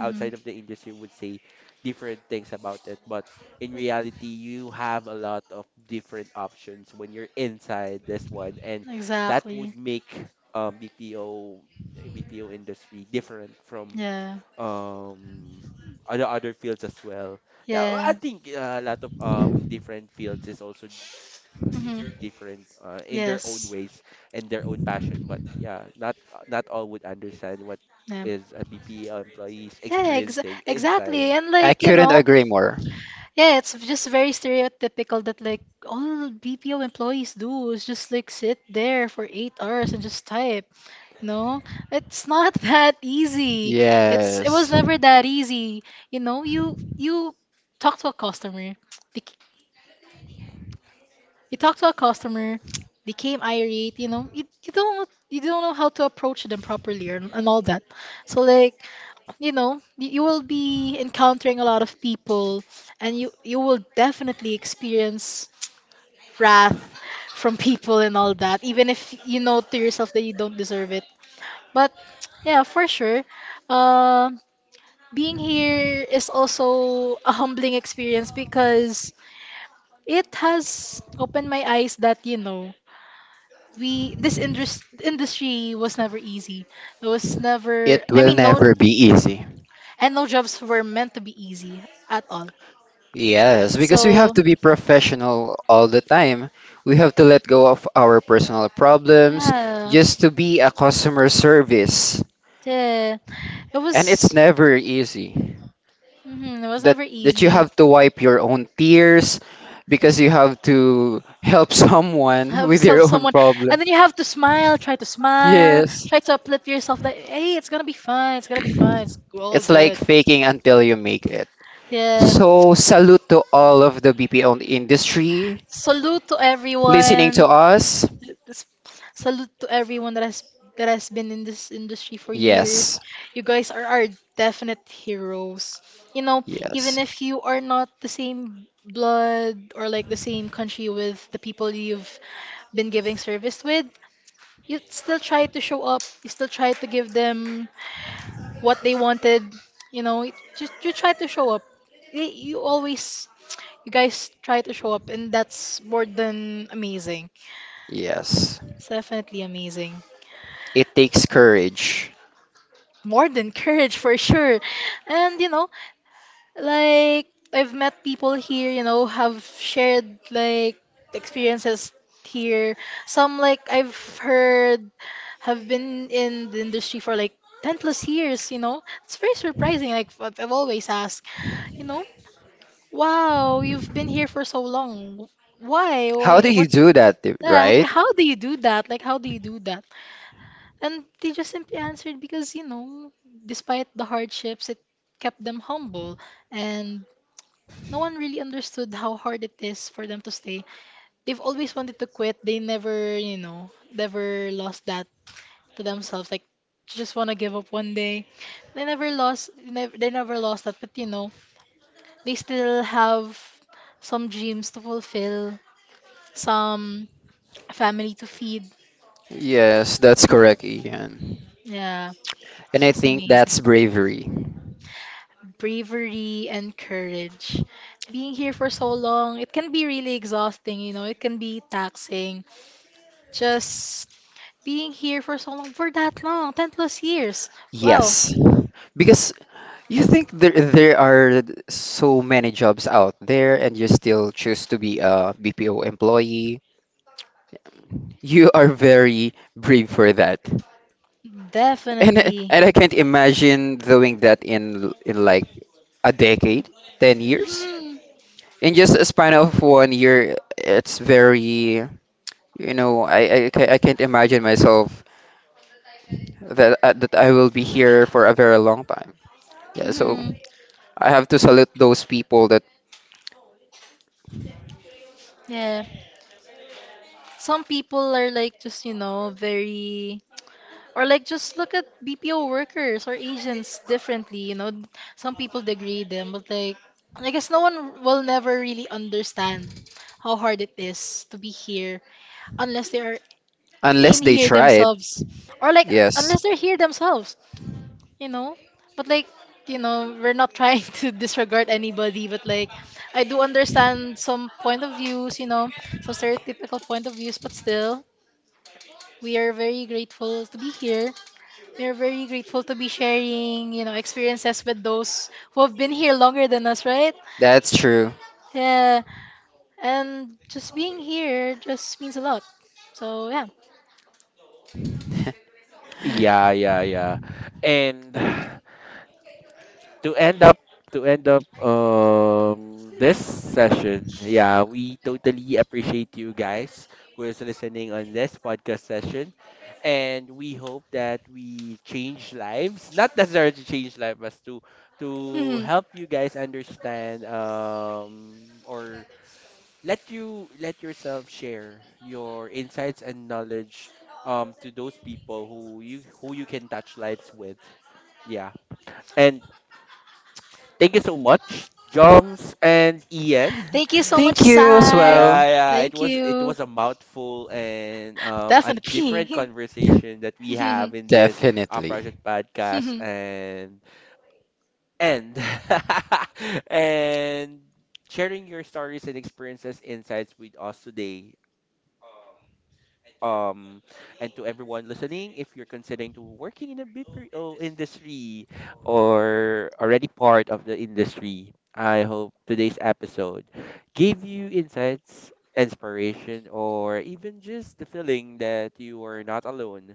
[SPEAKER 2] Mm-hmm. Exactly. Yeah. Yeah. Mm-hmm. Yes. Yeah. Yeah, ex exactly. And,
[SPEAKER 1] I
[SPEAKER 2] like, you
[SPEAKER 1] couldn't
[SPEAKER 2] know,
[SPEAKER 1] agree more.
[SPEAKER 2] yeah, it's just very stereotypical that like all BPO employees do is just like sit there for 8 hours and just type. You know, it's not <laughs> that easy. It was
[SPEAKER 1] Yes,
[SPEAKER 2] never that easy. You know, you talk to a customer, they, c- you talk to a customer, they came irate. You know, you don't know how to approach them properly, and all that. So, like, you will be encountering a lot of people, and you will definitely experience wrath from people and all that, even if you know to yourself that you don't deserve it. But yeah, for sure. Um, being here is also a humbling experience, because it has opened my eyes that, industry was never easy. It was never,
[SPEAKER 1] it
[SPEAKER 2] I
[SPEAKER 1] will
[SPEAKER 2] mean, no,
[SPEAKER 1] never be easy.
[SPEAKER 2] and no jobs were meant to be easy at all.
[SPEAKER 1] Yes, because we have
[SPEAKER 2] So,
[SPEAKER 1] to be professional all the time. We have to let go of our personal problems
[SPEAKER 2] yeah,
[SPEAKER 1] just to be a customer service.
[SPEAKER 2] yeah, it
[SPEAKER 1] And it's
[SPEAKER 2] was.
[SPEAKER 1] never easy.
[SPEAKER 2] Hmm. It was never
[SPEAKER 1] That you
[SPEAKER 2] easy.
[SPEAKER 1] have to wipe your own tears because you have to help someone <laughs>
[SPEAKER 2] Have
[SPEAKER 1] with
[SPEAKER 2] help
[SPEAKER 1] your own
[SPEAKER 2] someone,
[SPEAKER 1] problem.
[SPEAKER 2] and then you have to smile. Try to smile.
[SPEAKER 1] Yes.
[SPEAKER 2] Try to uplift yourself. That hey, it's gonna be fine. It's gonna be fine. It's all
[SPEAKER 1] It's like
[SPEAKER 2] good.
[SPEAKER 1] faking until you make it.
[SPEAKER 2] Yeah.
[SPEAKER 1] So, salute to all of the BPO industry
[SPEAKER 2] Salute to
[SPEAKER 1] listening to
[SPEAKER 2] everyone.
[SPEAKER 1] us.
[SPEAKER 2] This- Salute to everyone that has been in this industry for
[SPEAKER 1] Yes,
[SPEAKER 2] years. You guys are our definite heroes. You know, even
[SPEAKER 1] yes,
[SPEAKER 2] if you are not the same blood or like the same country with the people you've been giving service with, you still try to show up. You still try to give them what they wanted. You know, just you try to show up. You, you always, you guys try to show up, and that's more than amazing.
[SPEAKER 1] yes.
[SPEAKER 2] It's definitely amazing.
[SPEAKER 1] It takes courage.
[SPEAKER 2] More than courage for sure. And, like I've met people here, have shared like experiences here. Some like I've heard have been in the industry for like 10 plus years. It's very surprising. Like, I've always asked, you know, wow, you've been here for so long. Why?
[SPEAKER 1] How
[SPEAKER 2] Why?
[SPEAKER 1] do you
[SPEAKER 2] What?
[SPEAKER 1] do that, th-
[SPEAKER 2] Like,
[SPEAKER 1] right?
[SPEAKER 2] how do you do that? Like, how do you do that? And they just simply answered, because, despite the hardships, it kept them humble, and no one really understood how hard it is for them to stay. They've always wanted to quit. They never, you know, never lost that to themselves. Like, just want to give up one day. They never lost. Never, they never lost that. But you know, they still have some dreams to fulfill, some family to feed.
[SPEAKER 1] Yes, that's correct, Ian.
[SPEAKER 2] Yeah,
[SPEAKER 1] And
[SPEAKER 2] it's
[SPEAKER 1] I
[SPEAKER 2] just
[SPEAKER 1] think
[SPEAKER 2] amazing.
[SPEAKER 1] that's bravery.
[SPEAKER 2] Bravery and courage. Being here for so long, it can be really exhausting. You know, it can be taxing. Just being here for so long, for that long, 10 plus years. Wow,
[SPEAKER 1] Yes, because you think there are so many jobs out there and you still choose to be a BPO employee. You are very brave for that. <laughs> And
[SPEAKER 2] definitely.
[SPEAKER 1] and I can't imagine doing that in like a decade, 10 years.
[SPEAKER 2] Mm-hmm.
[SPEAKER 1] In just a span of one year, it's very, I can't imagine myself that that I will be here for a very long time. Yeah, so
[SPEAKER 2] Mm-hmm.
[SPEAKER 1] I have to salute those people that
[SPEAKER 2] Yeah. Some people are, like, just, very, or like just look at BPO workers or agents differently. Some people degrade them, but like I guess no one will never really understand how hard it is to be here, unless they are
[SPEAKER 1] unless
[SPEAKER 2] in
[SPEAKER 1] they
[SPEAKER 2] here
[SPEAKER 1] try it.
[SPEAKER 2] themselves. Or, like,
[SPEAKER 1] Yes,
[SPEAKER 2] unless they're here themselves. You know, but, like, we're not trying <laughs> to disregard anybody, but, like, I do understand some point of views, some stereotypical point of views, but still we are very grateful to be here, we are very grateful to be sharing, experiences with those who have been here longer than us, right?
[SPEAKER 1] that's true.
[SPEAKER 2] Yeah. And just being here just means a lot. So yeah.
[SPEAKER 1] <laughs>
[SPEAKER 3] Yeah, yeah, yeah. And <sighs> to end up to end up this session, yeah, we totally appreciate you guys who is listening on this podcast session. And we hope that we change lives, not necessarily to change lives, but to
[SPEAKER 2] <laughs>
[SPEAKER 3] help you guys understand or let yourself share your insights and knowledge to those people who you can touch lives with. Yeah. And thank you so much, Joms and Ian.
[SPEAKER 2] Thank
[SPEAKER 3] <laughs>
[SPEAKER 2] you so much,
[SPEAKER 1] Thank you as
[SPEAKER 2] Sai.
[SPEAKER 3] Yeah,
[SPEAKER 1] well.
[SPEAKER 3] yeah. It
[SPEAKER 2] Thank
[SPEAKER 3] was it
[SPEAKER 2] you.
[SPEAKER 3] was a mouthful and a
[SPEAKER 2] Definitely.
[SPEAKER 3] different conversation that we have in this
[SPEAKER 2] <laughs>
[SPEAKER 1] Definitely.
[SPEAKER 3] project podcast and <laughs> and sharing your stories and experiences insights with us today um and to everyone listening, if you're considering to working in the BPO industry or already part of the industry, I hope today's episode gave you insights, inspiration, or even just the feeling that you are not alone.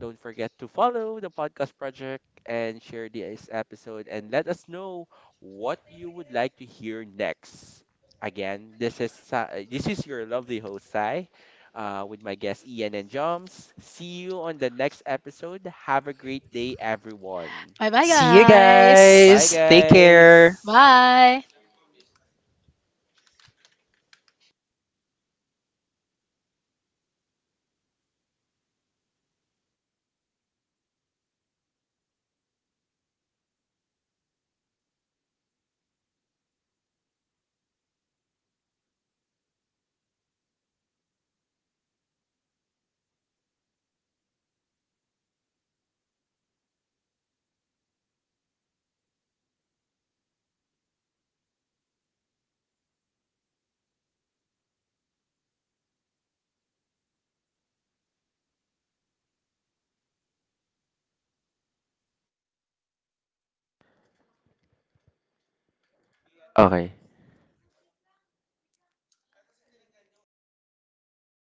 [SPEAKER 3] Don't forget to follow the Podcast Project and share this episode and let us know what you would like to hear next. Again, this is Sai, this is your lovely host Sai, with my guest Ian and Joms. See you on the next episode. Have a great day, everyone.
[SPEAKER 2] Bye bye,
[SPEAKER 1] See you
[SPEAKER 2] guys.
[SPEAKER 3] Bye,
[SPEAKER 1] guys. Take care.
[SPEAKER 3] guys.
[SPEAKER 2] Bye.
[SPEAKER 3] Okay.